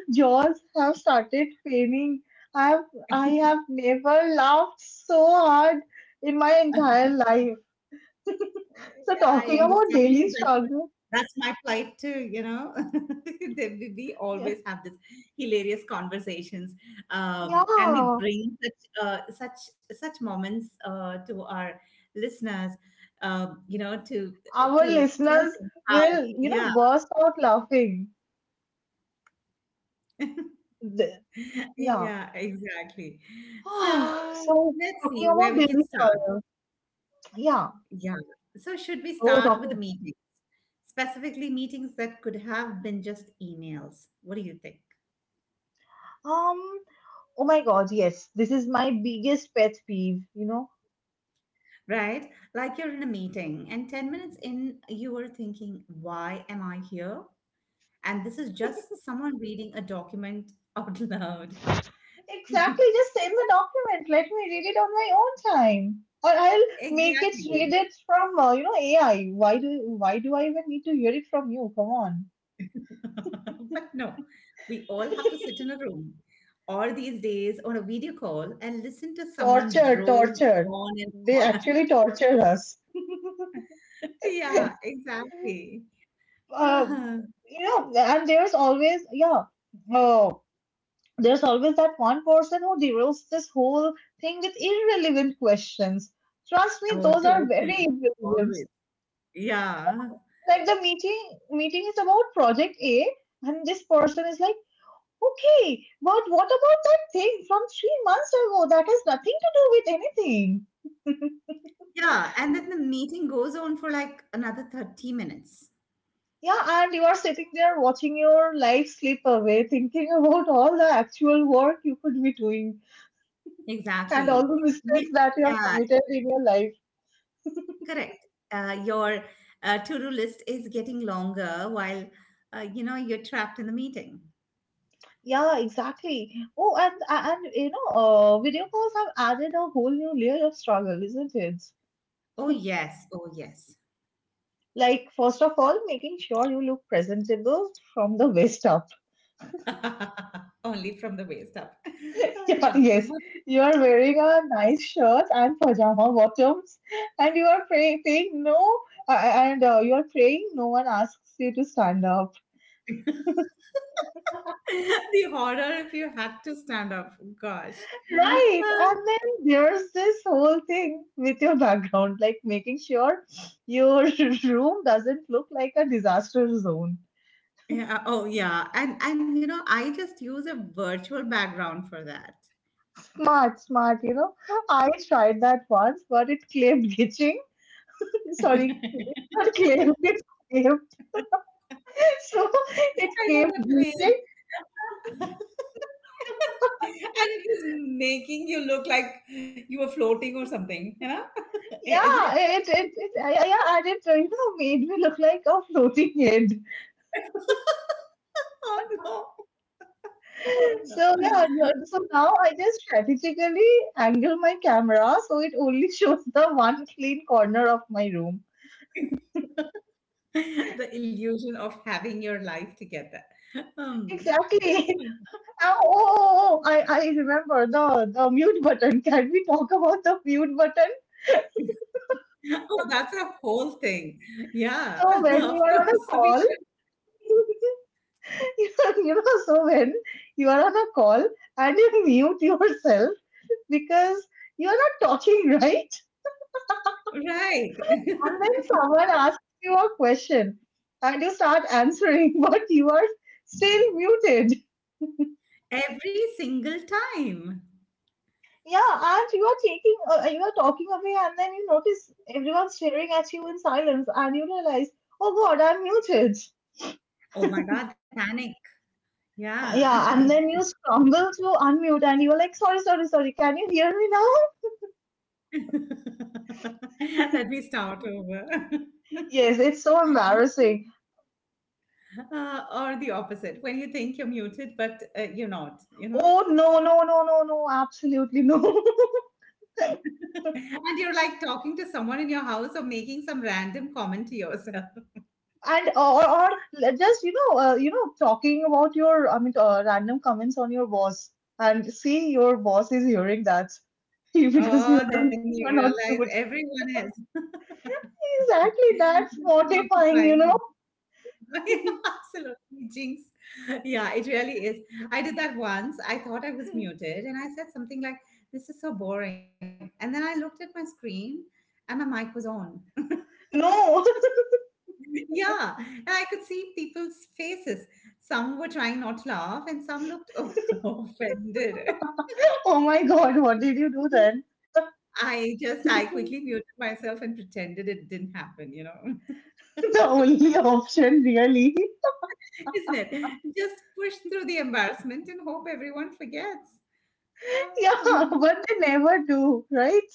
<laughs> jaws have started paining. I've I have never laughed so hard in my entire <laughs> life. So Yeah, I talking about understand daily because that's what struggle, that's my plight too, you know. <laughs> They- we we yeah, always have this hilarious conversations, um, and we yeah, bring such uh, such such moments uh, to our listeners, um, you know, to our to tell listeners them how. will, you Yeah, know, burst out laughing. Th- <laughs> Yeah. yeah, exactly. <sighs> So So let's talking see where about we can daily start. struggle, yeah. Yeah. So should we So start with the talking, meeting? Specifically meetings that could have been just emails. What do you think? um, oh my God, yes, this is my biggest pet peeve. You know, Right? Like you're in a meeting and ten minutes in, you were thinking, why am I here? And this is just someone reading a document out <laughs> loud. exactly. Just send the document. Let me read it on my own time, or I'll make it Exactly. read it from uh, you know A I. Why do why do I even need to hear it from you? Come on, <laughs> But no, we all have to sit in a room or these days on a video call and listen to someone torture, drone torture. on and They on. actually <laughs> torture us. Yeah, exactly. Uh, Uh-huh. you know, and there's always yeah. Oh. There's always that one person who derails this whole thing with irrelevant questions. Trust me, Oh, those are totally. very Always. irrelevant. Yeah. Like the meeting meeting is about project A, and this person is like, okay, but what about that thing from three months ago that has nothing to do with anything? Yeah, and then the meeting goes on for like another thirty minutes. Yeah, and you are sitting there watching your life slip away, thinking about all the actual work you could be doing and all Exactly. the You, mistakes that you have yeah, committed in your life. correct. Uh, your uh, to-do list is getting longer while uh, you know you're trapped in the meeting. Yeah, exactly. Oh, and and you know, uh, video calls have added a whole new layer of struggle, isn't it? Oh yes, oh yes. Like, first of all, making sure you look presentable from the waist up. <laughs> <laughs> Only from the waist up. <laughs> Uh, Yeah, yeah. <laughs> yes, you are wearing a nice shirt and pajama bottoms, and you are pray- paying no, uh, and uh, you are praying no one asks you to stand up. The horror if you had to stand up. Gosh. <laughs> Uh, Right. And then there's this whole thing with your background, like making sure your <laughs> room doesn't look like a disaster zone. yeah, oh yeah. And and you know, I just use a virtual background for that. Smart, smart, you know. I tried that once, but it claimed glitching. <laughs> Sorry, <laughs> not claimed, it claimed. <laughs> So it I know came what you mean. glitching. <laughs> And it is making you look like you were floating or something, you know? <laughs> Isn't it? Yeah, it, it, it, I, I- yeah, and it, you know, made me look like a floating head. <laughs> Oh no. Oh no. So yeah, no- so now I just strategically angle my camera so it only shows the one clean corner of my room. <laughs> The illusion of having your life together. Um, Exactly. <laughs> <laughs> Oh, oh, oh, oh, I, I remember the, the mute button. Can we talk about the mute button? yeah. Oh, that's a whole thing. Yeah, <laughs> of So course. when you We are on a should. call, <laughs> you know, so when you are on a call and you mute yourself because you are not talking, <laughs> right? Right. And <laughs> when someone asks you a question and you start answering, <laughs> but you are still muted. Every single time. Yeah, and you are taking, uh, you are talking away, and then you notice everyone staring at you in silence, and you realize, oh God, I'm muted. Oh my God, the panic. Yeah. Yeah, and <laughs> then you struggle to unmute, and you're like, sorry, sorry, sorry, can you hear me now? <laughs> Let me start over. <laughs> Yes, it's so embarrassing. Uh, or the opposite, when you think you're muted, but uh, you're not, you know? Oh no, no, no, no, no, absolutely no. <laughs> <laughs> And you're like talking to someone in your house or making some random comment to yourself. <laughs> and or, or just you know uh, you know talking about your I mean uh, random comments on your boss and see your boss is hearing that <laughs> because you Oh, are then you you're not realize good, everyone has. <laughs> exactly. That's That's mortifying, you know. mortifying. <laughs> Absolutely, jinx. Yeah, it really is. I did that once. I thought I was muted and I said something like, this is so boring. And then I looked at my screen and my mic was on. <laughs> No. Yeah, and I could see people's faces. Some were trying not to laugh and some looked o- <laughs> offended. <laughs> Oh my God, what did you do then? <laughs> I just, I quickly muted myself and pretended it didn't happen, you know, <laughs> isn't <laughs> The only option, really. it? Just push through the embarrassment and hope everyone forgets. <laughs> Uh, Yeah, <laughs> but they never do, right?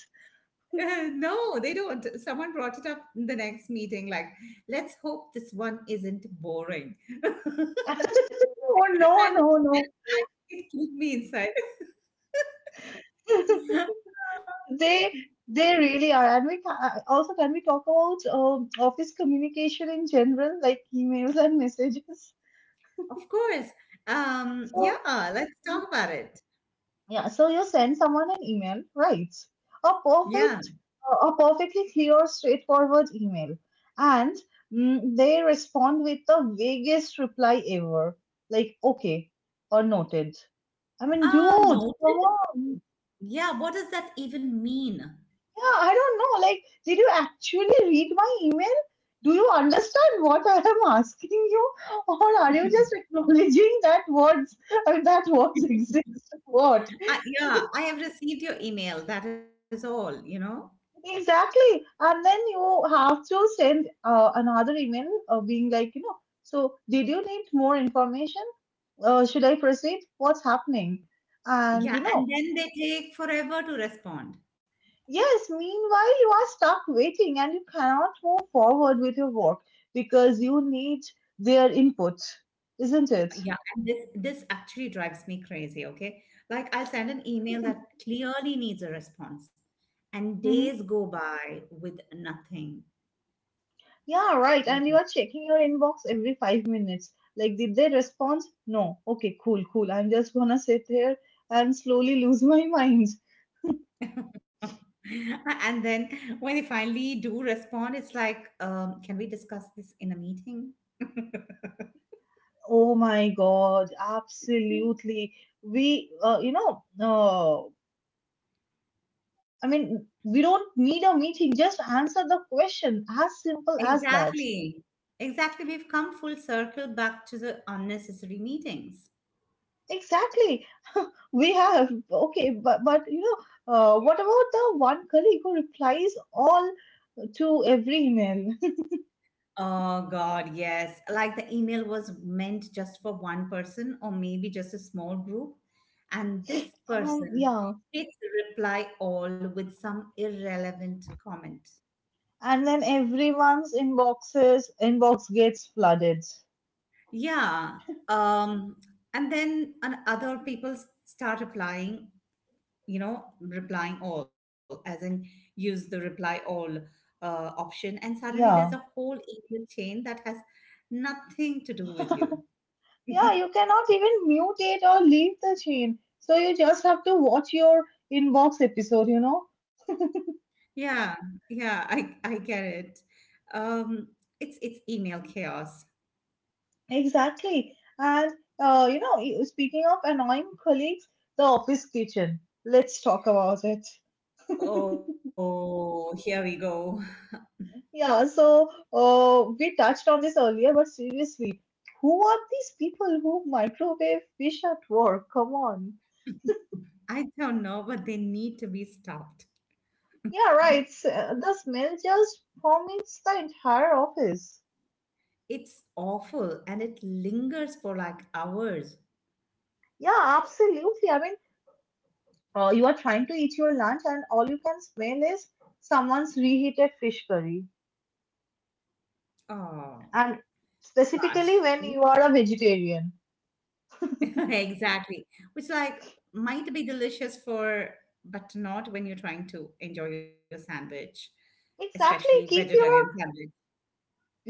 <laughs> Uh, no, they don't. Someone brought it up in the next meeting, like, let's hope this one isn't boring. <laughs> <laughs> Oh, no, And no, no. it killed me inside. <laughs> <laughs> They they really are. And we ca- uh, also can we talk about um, office communication in general, like emails and messages. Of course. Um, So yeah, let's talk about it. yeah, so you send someone an email, right? A Yeah. perfect, a a perfectly clear, straightforward email, and mm, they respond with the vaguest reply ever, like okay or noted. I mean, Ah, dude, come noted. on. Yeah, what does that even mean? Yeah, I don't know. Like, did you actually read my email? Do you understand what I am asking you? Or are you just acknowledging that words and that words <laughs> exist? What? Uh, yeah, I have received your email. That is all, you know? Exactly. And then you have to send uh, another email uh, being like, you know, so did you need more information? Uh, should I proceed? What's happening? And you Yeah, and know, then they take forever to respond. yes, meanwhile, you are stuck waiting and you cannot move forward with your work because you need their input, isn't it? Yeah, and this this actually drives me crazy, okay? Like I send an email that clearly needs a response, and days Hmm. go by with nothing. Yeah, right. And Yeah. you are checking your inbox every five minutes. Like, did they respond? No. Okay, cool, cool. I'm just gonna sit here and slowly <laughs> lose my mind. <laughs> And then when they finally do respond, it's like, um, can we discuss this in a meeting? <laughs> Oh my God, absolutely. We, uh, you know, uh, I mean, we don't need a meeting. Just answer the question, as simple as that. Exactly. Exactly. We've come full circle back to the unnecessary meetings. Exactly. <laughs> We have. Okay, but but you know, uh, what about the one colleague who replies all to every email? <laughs> Oh God, yes. Like the email was meant just for one person or maybe just a small group. And this Um, person Yeah, hits reply all with some irrelevant comment. and then everyone's inboxes inbox gets flooded. Yeah. Um, and then and other people s- start replying, you know, replying all, as in use the reply all uh, option. And suddenly there's a Yeah. whole email chain that has nothing to do with you. <laughs> Yeah, <laughs> you cannot even mute it or leave the chain. So you just have to watch your inbox episode, you know? Yeah, yeah, I I get it. Um, it's it's email chaos. Exactly. And uh, you know, you- speaking of annoying colleagues, the office kitchen. Let's talk about it. Oh, here we go. Yeah, so uh, we touched on this earlier, but seriously, who are these people who microwave fish at work? Come on. <laughs> I don't know, but they need to be stopped. Yeah, right. s- uh, The smell just permeates the entire office. It's awful and it lingers for like hours. Yeah, absolutely. I mean, uh, you are trying to eat your lunch, and all you can smell is someone's reheated fish curry. Oh, And gosh. specifically Which- when you are a vegetarian. <laughs> Exactly. Which like might be delicious for, but not when you're trying to enjoy your sandwich, especially Exactly. Keep vegetarian your sandwich.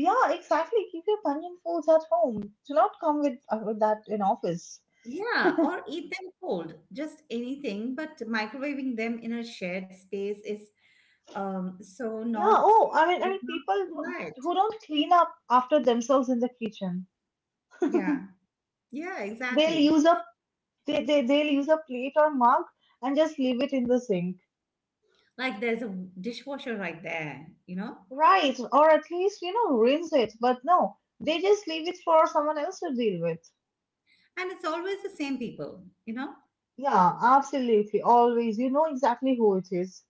yeah. Exactly. Keep your Punjabi foods at home. Do not come with, uh, with that in office. Yeah, or eat them cold, just anything. But microwaving them in a shared space is um so Yeah. not Oh, I mean, I it's mean, not people who right. who don't clean up after themselves in the kitchen. Yeah, yeah, <laughs> They'll exactly. use a they, they they'll use a plate or mug and just leave it in the sink. Like there's a dishwasher right there, you know, Right. Or at least, you know, rinse it. But no, they just leave it for someone else to deal with. and it's always the same people, you know, Yeah. Absolutely. Always. You know exactly who it is.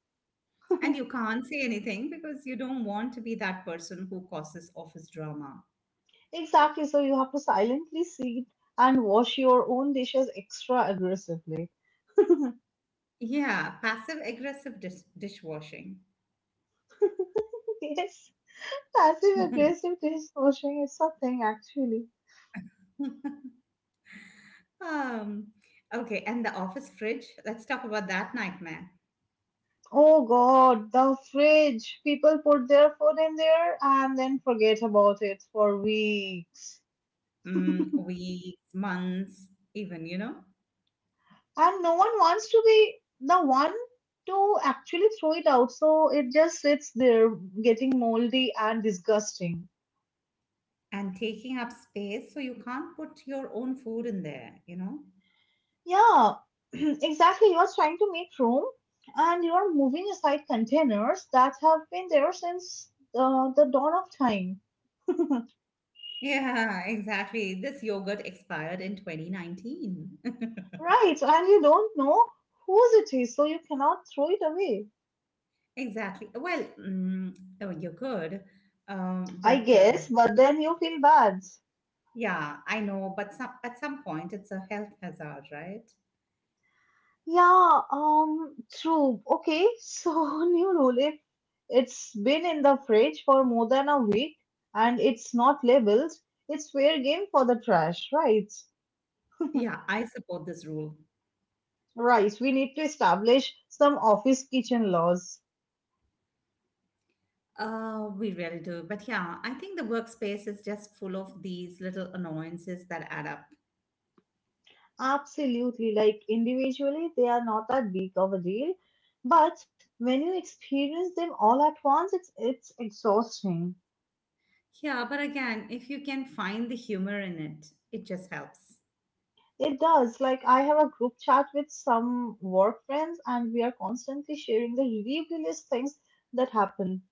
and you can't say anything because you don't want to be that person who causes office drama. Exactly, so you have to silently sit and wash your own dishes extra aggressively. <laughs> Yeah, passive aggressive dis dishwashing. Yes, passive <laughs> aggressive dish washing is something, actually. Um, okay, and the office fridge, let's talk about that nightmare. Oh God, the fridge. People put their food in there and then forget about it for weeks. Mm, weeks, months, even, you know, And no one wants to be the one to actually throw it out, so it just sits there getting moldy and disgusting. and taking up space. So you can't put your own food in there, you know? <laughs> Yeah, <clears throat> exactly. You are trying to make room and you are moving aside containers that have been there since uh, the dawn of time. <laughs> Yeah, exactly. This yogurt expired in twenty nineteen. <laughs> Right, and you don't know whose it is, so you cannot throw it away. Exactly. Well, mm, oh, you're good. Um, I but guess, um, but then you feel bad. yeah, I know. But some, at some point, it's a health hazard, right? Yeah, um, true. Okay, so <laughs> new rule. If it's been in the fridge for more than a week and it's not labeled, it's fair game for the trash, right? Yeah, I support this rule. Right, we need to establish some office kitchen laws. Uh, we really do. But yeah, I think the workspace is just full of these little annoyances that add up. Absolutely, like individually, they are not that big of a deal, but when you experience them all at once, it's it's exhausting. Yeah, but again, if you can find the humor in it, it just helps. It does. Like I have a group chat with some work friends, and we are constantly sharing the ridiculous things that happen.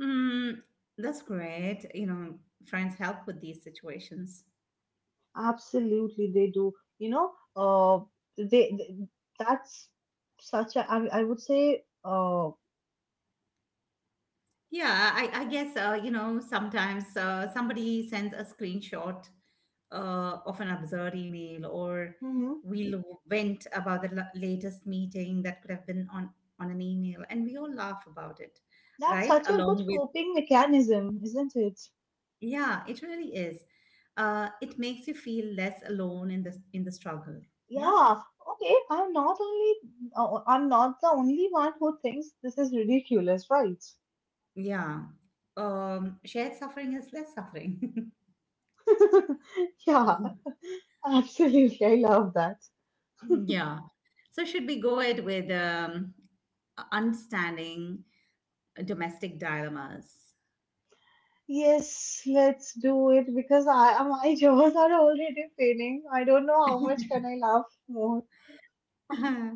Mm, that's great. You know, friends help with these situations. Absolutely, they do. You know, uh, they, they- that's such a I, I would say uh. Yeah, I, I guess, uh, you know, sometimes uh, somebody sends a screenshot uh, of an absurd email, or Mm-hmm. we'll vent about the la- latest meeting that could have been on, on an email, and we all laugh about it, That's right? such a good Along with coping mechanism, isn't it? yeah, it really is. Uh, it makes you feel less alone in the in the struggle. Yeah, Yeah. Okay, I'm not only uh, I'm not the only one who thinks this is ridiculous, right? <laughs> yeah. Um, shared suffering is less suffering. Yeah, absolutely. I love that. <laughs> Yeah. So should we go it with um, understanding domestic dilemmas? Yes, let's do it because I uh, my <laughs> jaws are already paining. I don't know how <laughs> much can I laugh more. Uh,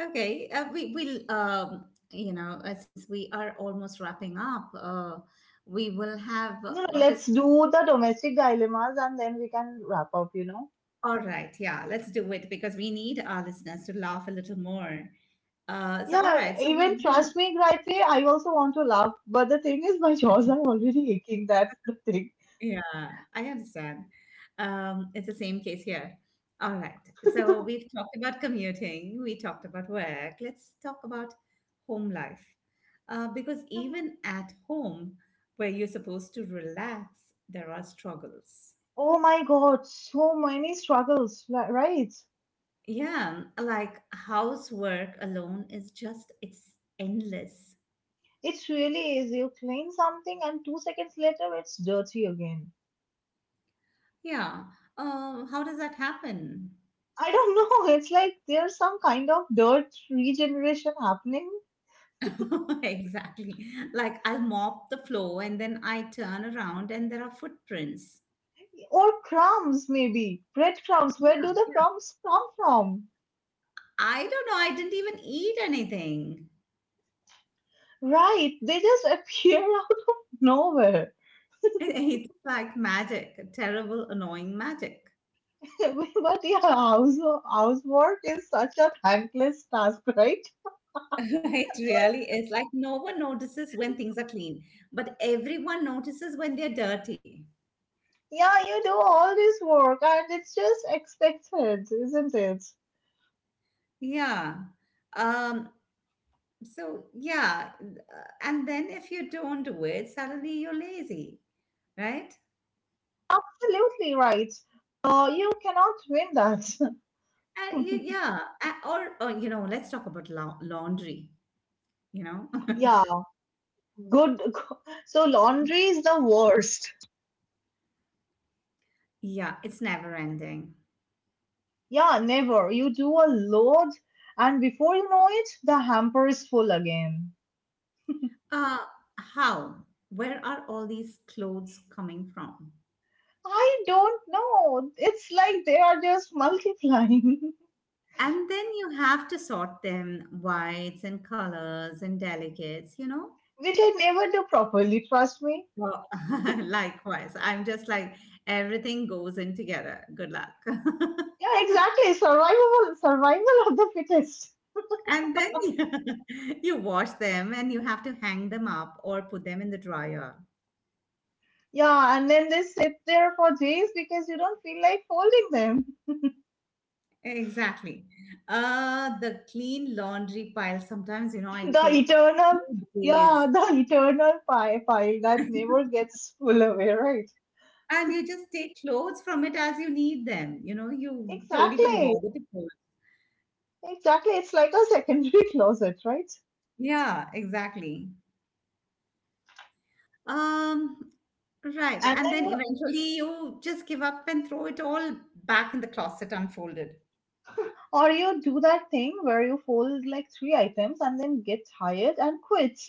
Okay, uh, we will, um, you know, uh, since we are almost wrapping up, uh, we will have uh, No, no, let's just do the domestic dilemmas and then we can wrap up, you know. all right, yeah, let's do it because we need our listeners to laugh a little more. Uh, so, all Yeah, right, so even we trust me, Gayatri, I also want to laugh. But the thing is, my jaws will, are already aching. That's the thing. <laughs> yeah, I understand. Um, it's the same case here. All right, so <laughs> we've talked about commuting, we talked about work, let's talk about home life. Uh, because even at home, where you're supposed to relax, there are struggles. Oh my God, so many struggles, li- right? Yeah, like housework alone is just, it's endless. It really is. You clean something, and two seconds later, it's dirty again. Yeah. Um, how does that happen? I don't know. <laughs> It's like there's some kind of dirt regeneration happening, <laughs> Exactly. Like I'll mop the floor and then I turn around and there are footprints. or crumbs, maybe. Breadcrumbs. Where Yeah, do the yeah. crumbs come from? I don't know. I didn't even eat anything. <laughs> Right, they just <laughs> appear out of nowhere. It's like magic, terrible, annoying magic. <laughs> But yeah, house housework is such a thankless task, right? <laughs> It really is. Like no one notices when things are clean, but everyone notices when they're dirty. Yeah, you do all this work and it's just expected, isn't it? Yeah. Um, So, yeah. uh, And then if you don't do it, suddenly you're lazy, right? Absolutely right. Uh, you cannot win that. And you, yeah. A- Or, or, you know, let's talk about lau- laundry, you know? <laughs> <laughs> Yeah, good. <laughs> So laundry is the worst. Yeah, it's never ending. Yeah, never. You do a load, and before you know it, the hamper is full again. Uh, how? Where are all these clothes coming from? I don't know. It's like they are just multiplying. <laughs> And then you have to sort them whites and colors and delicates, you know? Which I never do properly. Trust me. Well, <laughs> likewise. I'm just like, everything goes in together. Good luck. <laughs> Yeah, exactly. Survival, survival of the fittest. And then <laughs> you you wash them and you have to hang them up or put them in the dryer. Yeah, and then they sit there for days because you don't feel like folding them. <laughs> Exactly. Uh, the clean laundry pile, sometimes, you know, I The take eternal, few days. yeah, the eternal pie pile that <laughs> never gets full away, right? And you just take clothes from it as you need them. You know, you don't even Exactly, bother to fold. exactly. It's like a secondary <laughs> closet, right? Yeah, exactly. Um, right. And And then, then you- eventually you just give up and throw it all back in the closet unfolded. or you do that thing where you fold like three items and then get tired and quit.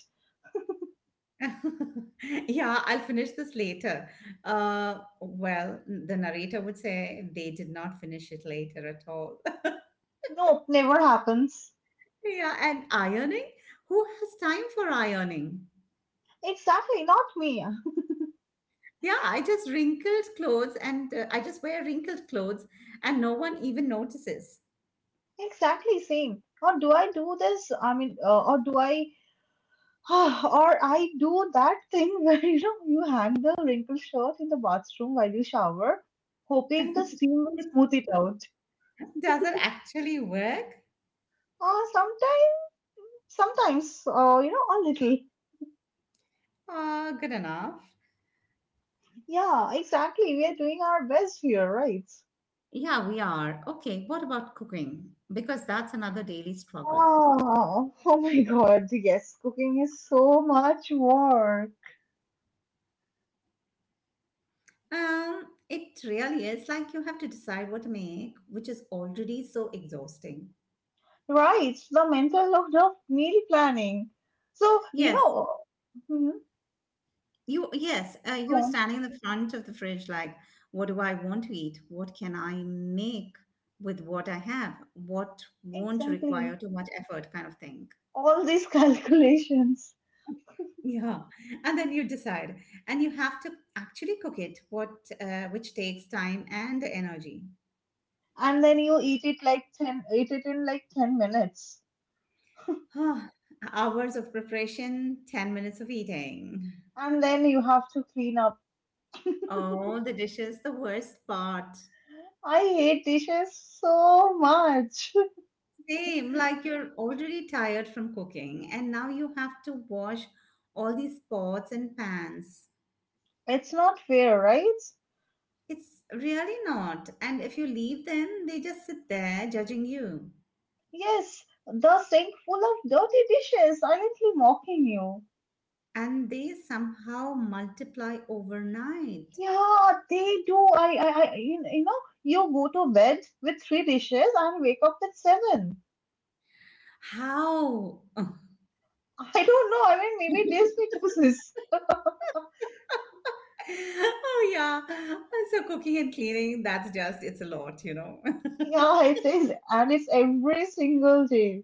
<laughs> Yeah, I'll finish this later. Uh, well, the narrator would say they did not finish it later at all. <laughs> Nope, never happens. Yeah, and ironing? Who has time for ironing? Exactly, not me. Yeah, I just wrinkled clothes and uh, I just wear wrinkled clothes and no one even notices. Exactly same. Or do I do this? I mean, uh, or do I, <sighs> Or I do that thing <laughs> where, you know, you hang the wrinkled shirt in the bathroom while you shower, <laughs> Does hoping the steam will smooth it out. it actually work? Or sometimes, sometimes, uh, you know, a little. Uh, good enough. Yeah, exactly. We are doing our best here, right? Yeah, we are. Okay, what about cooking? Because that's another daily struggle. Oh, oh my God, yes, cooking is so much work. Um, it really is, like you have to decide what to make, which is already so exhausting. Right, the mental load of meal planning. So, you Yes, know, you yes, uh, you're mhm. standing in the front of the fridge like, what do I want to eat? What can I make with what I have? What won't require Exactly. too much effort kind of thing. All these <laughs> calculations. Yeah, and then you decide, and you have to actually cook it, what uh, which takes time and energy. And then you eat it like ten eat it in like ten minutes. <sighs> Hours of preparation, ten minutes of eating. And then you have to clean up. Oh, the dish is the worst part. I hate dishes so much. <laughs> Same, like you're already tired from cooking and now you have to wash all these pots and pans. It's not fair, right? It's really not. And if you leave them, they just sit there judging you. Yes, the sink full of dirty dishes silently mocking you. And they somehow multiply overnight. Yeah, they do. I, I, I, you you know, you go to bed with three dishes and wake up with seven. How? <laughs> I don't know. I mean, maybe this <laughs> be chooses. Oh, yeah. So cooking and cleaning, that's just, it's a lot, you know. <laughs> Yeah, it is, and it's every single day.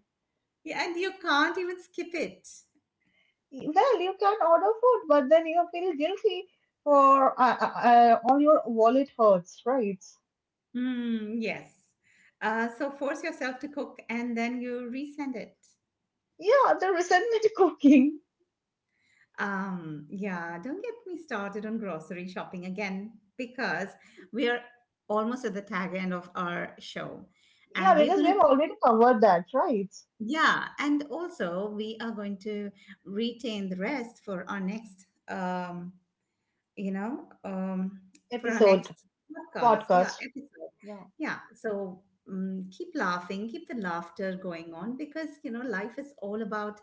Yeah, and you can't even skip it. Well, you can order food, but then you feel guilty for uh, uh, uh, all your wallet hurts, right? Hmm, yes. Uh, so force yourself to cook and then you resend it. Yeah, the resentment <laughs> cooking. Um, yeah, don't get me started on grocery shopping again because we are almost at the tag end of our show. Yeah, And we're because we going have to, already covered that, right? yeah, and also we are going to retain the rest for our next um, you know, um, for our Episode, next podcast, yeah, podcast. episode. Yeah, Yeah, so um, keep laughing, keep the laughter going on because, you know, life is all about,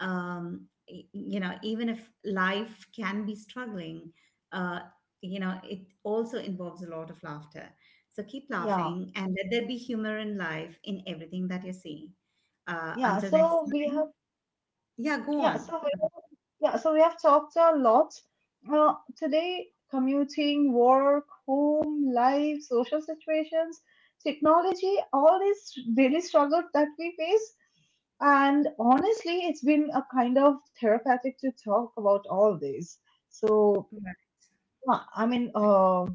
um, y- you know, even if life can be struggling, uh, you know, it also involves a lot of laughter. So keep yeah, laughing and let there be humor in life in everything that you see. Uh, yeah. Until next So we have, time, yeah, go yeah. on. So Yeah, so we have talked a lot. Uh, today, commuting, work, home, life, social situations, technology, all these daily struggles that we face. And honestly, it's been a kind of therapeutic to talk about all this. So, Right. yeah, I mean, uh,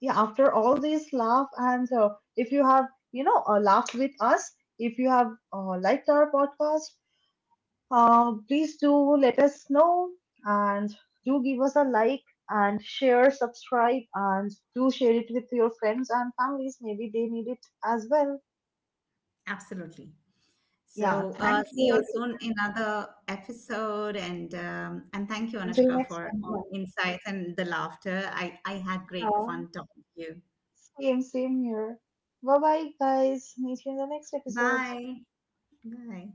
yeah, after all this laugh, and uh, if you have, you know, uh, laughed with us, if you have uh, liked our podcast, uh, please do let us know and do give us a like and share, subscribe, and do share it with your friends and families. Maybe they need it as well. Absolutely. Yeah, So, uh, thank see you you. all soon in another episode, and um, and thank you, Until Anushka, next for time. all Yeah, the insights and the laughter. I I had great yeah. fun talking to you. Same, same here. Bye bye, guys. Meet you in the next episode. Bye. Bye.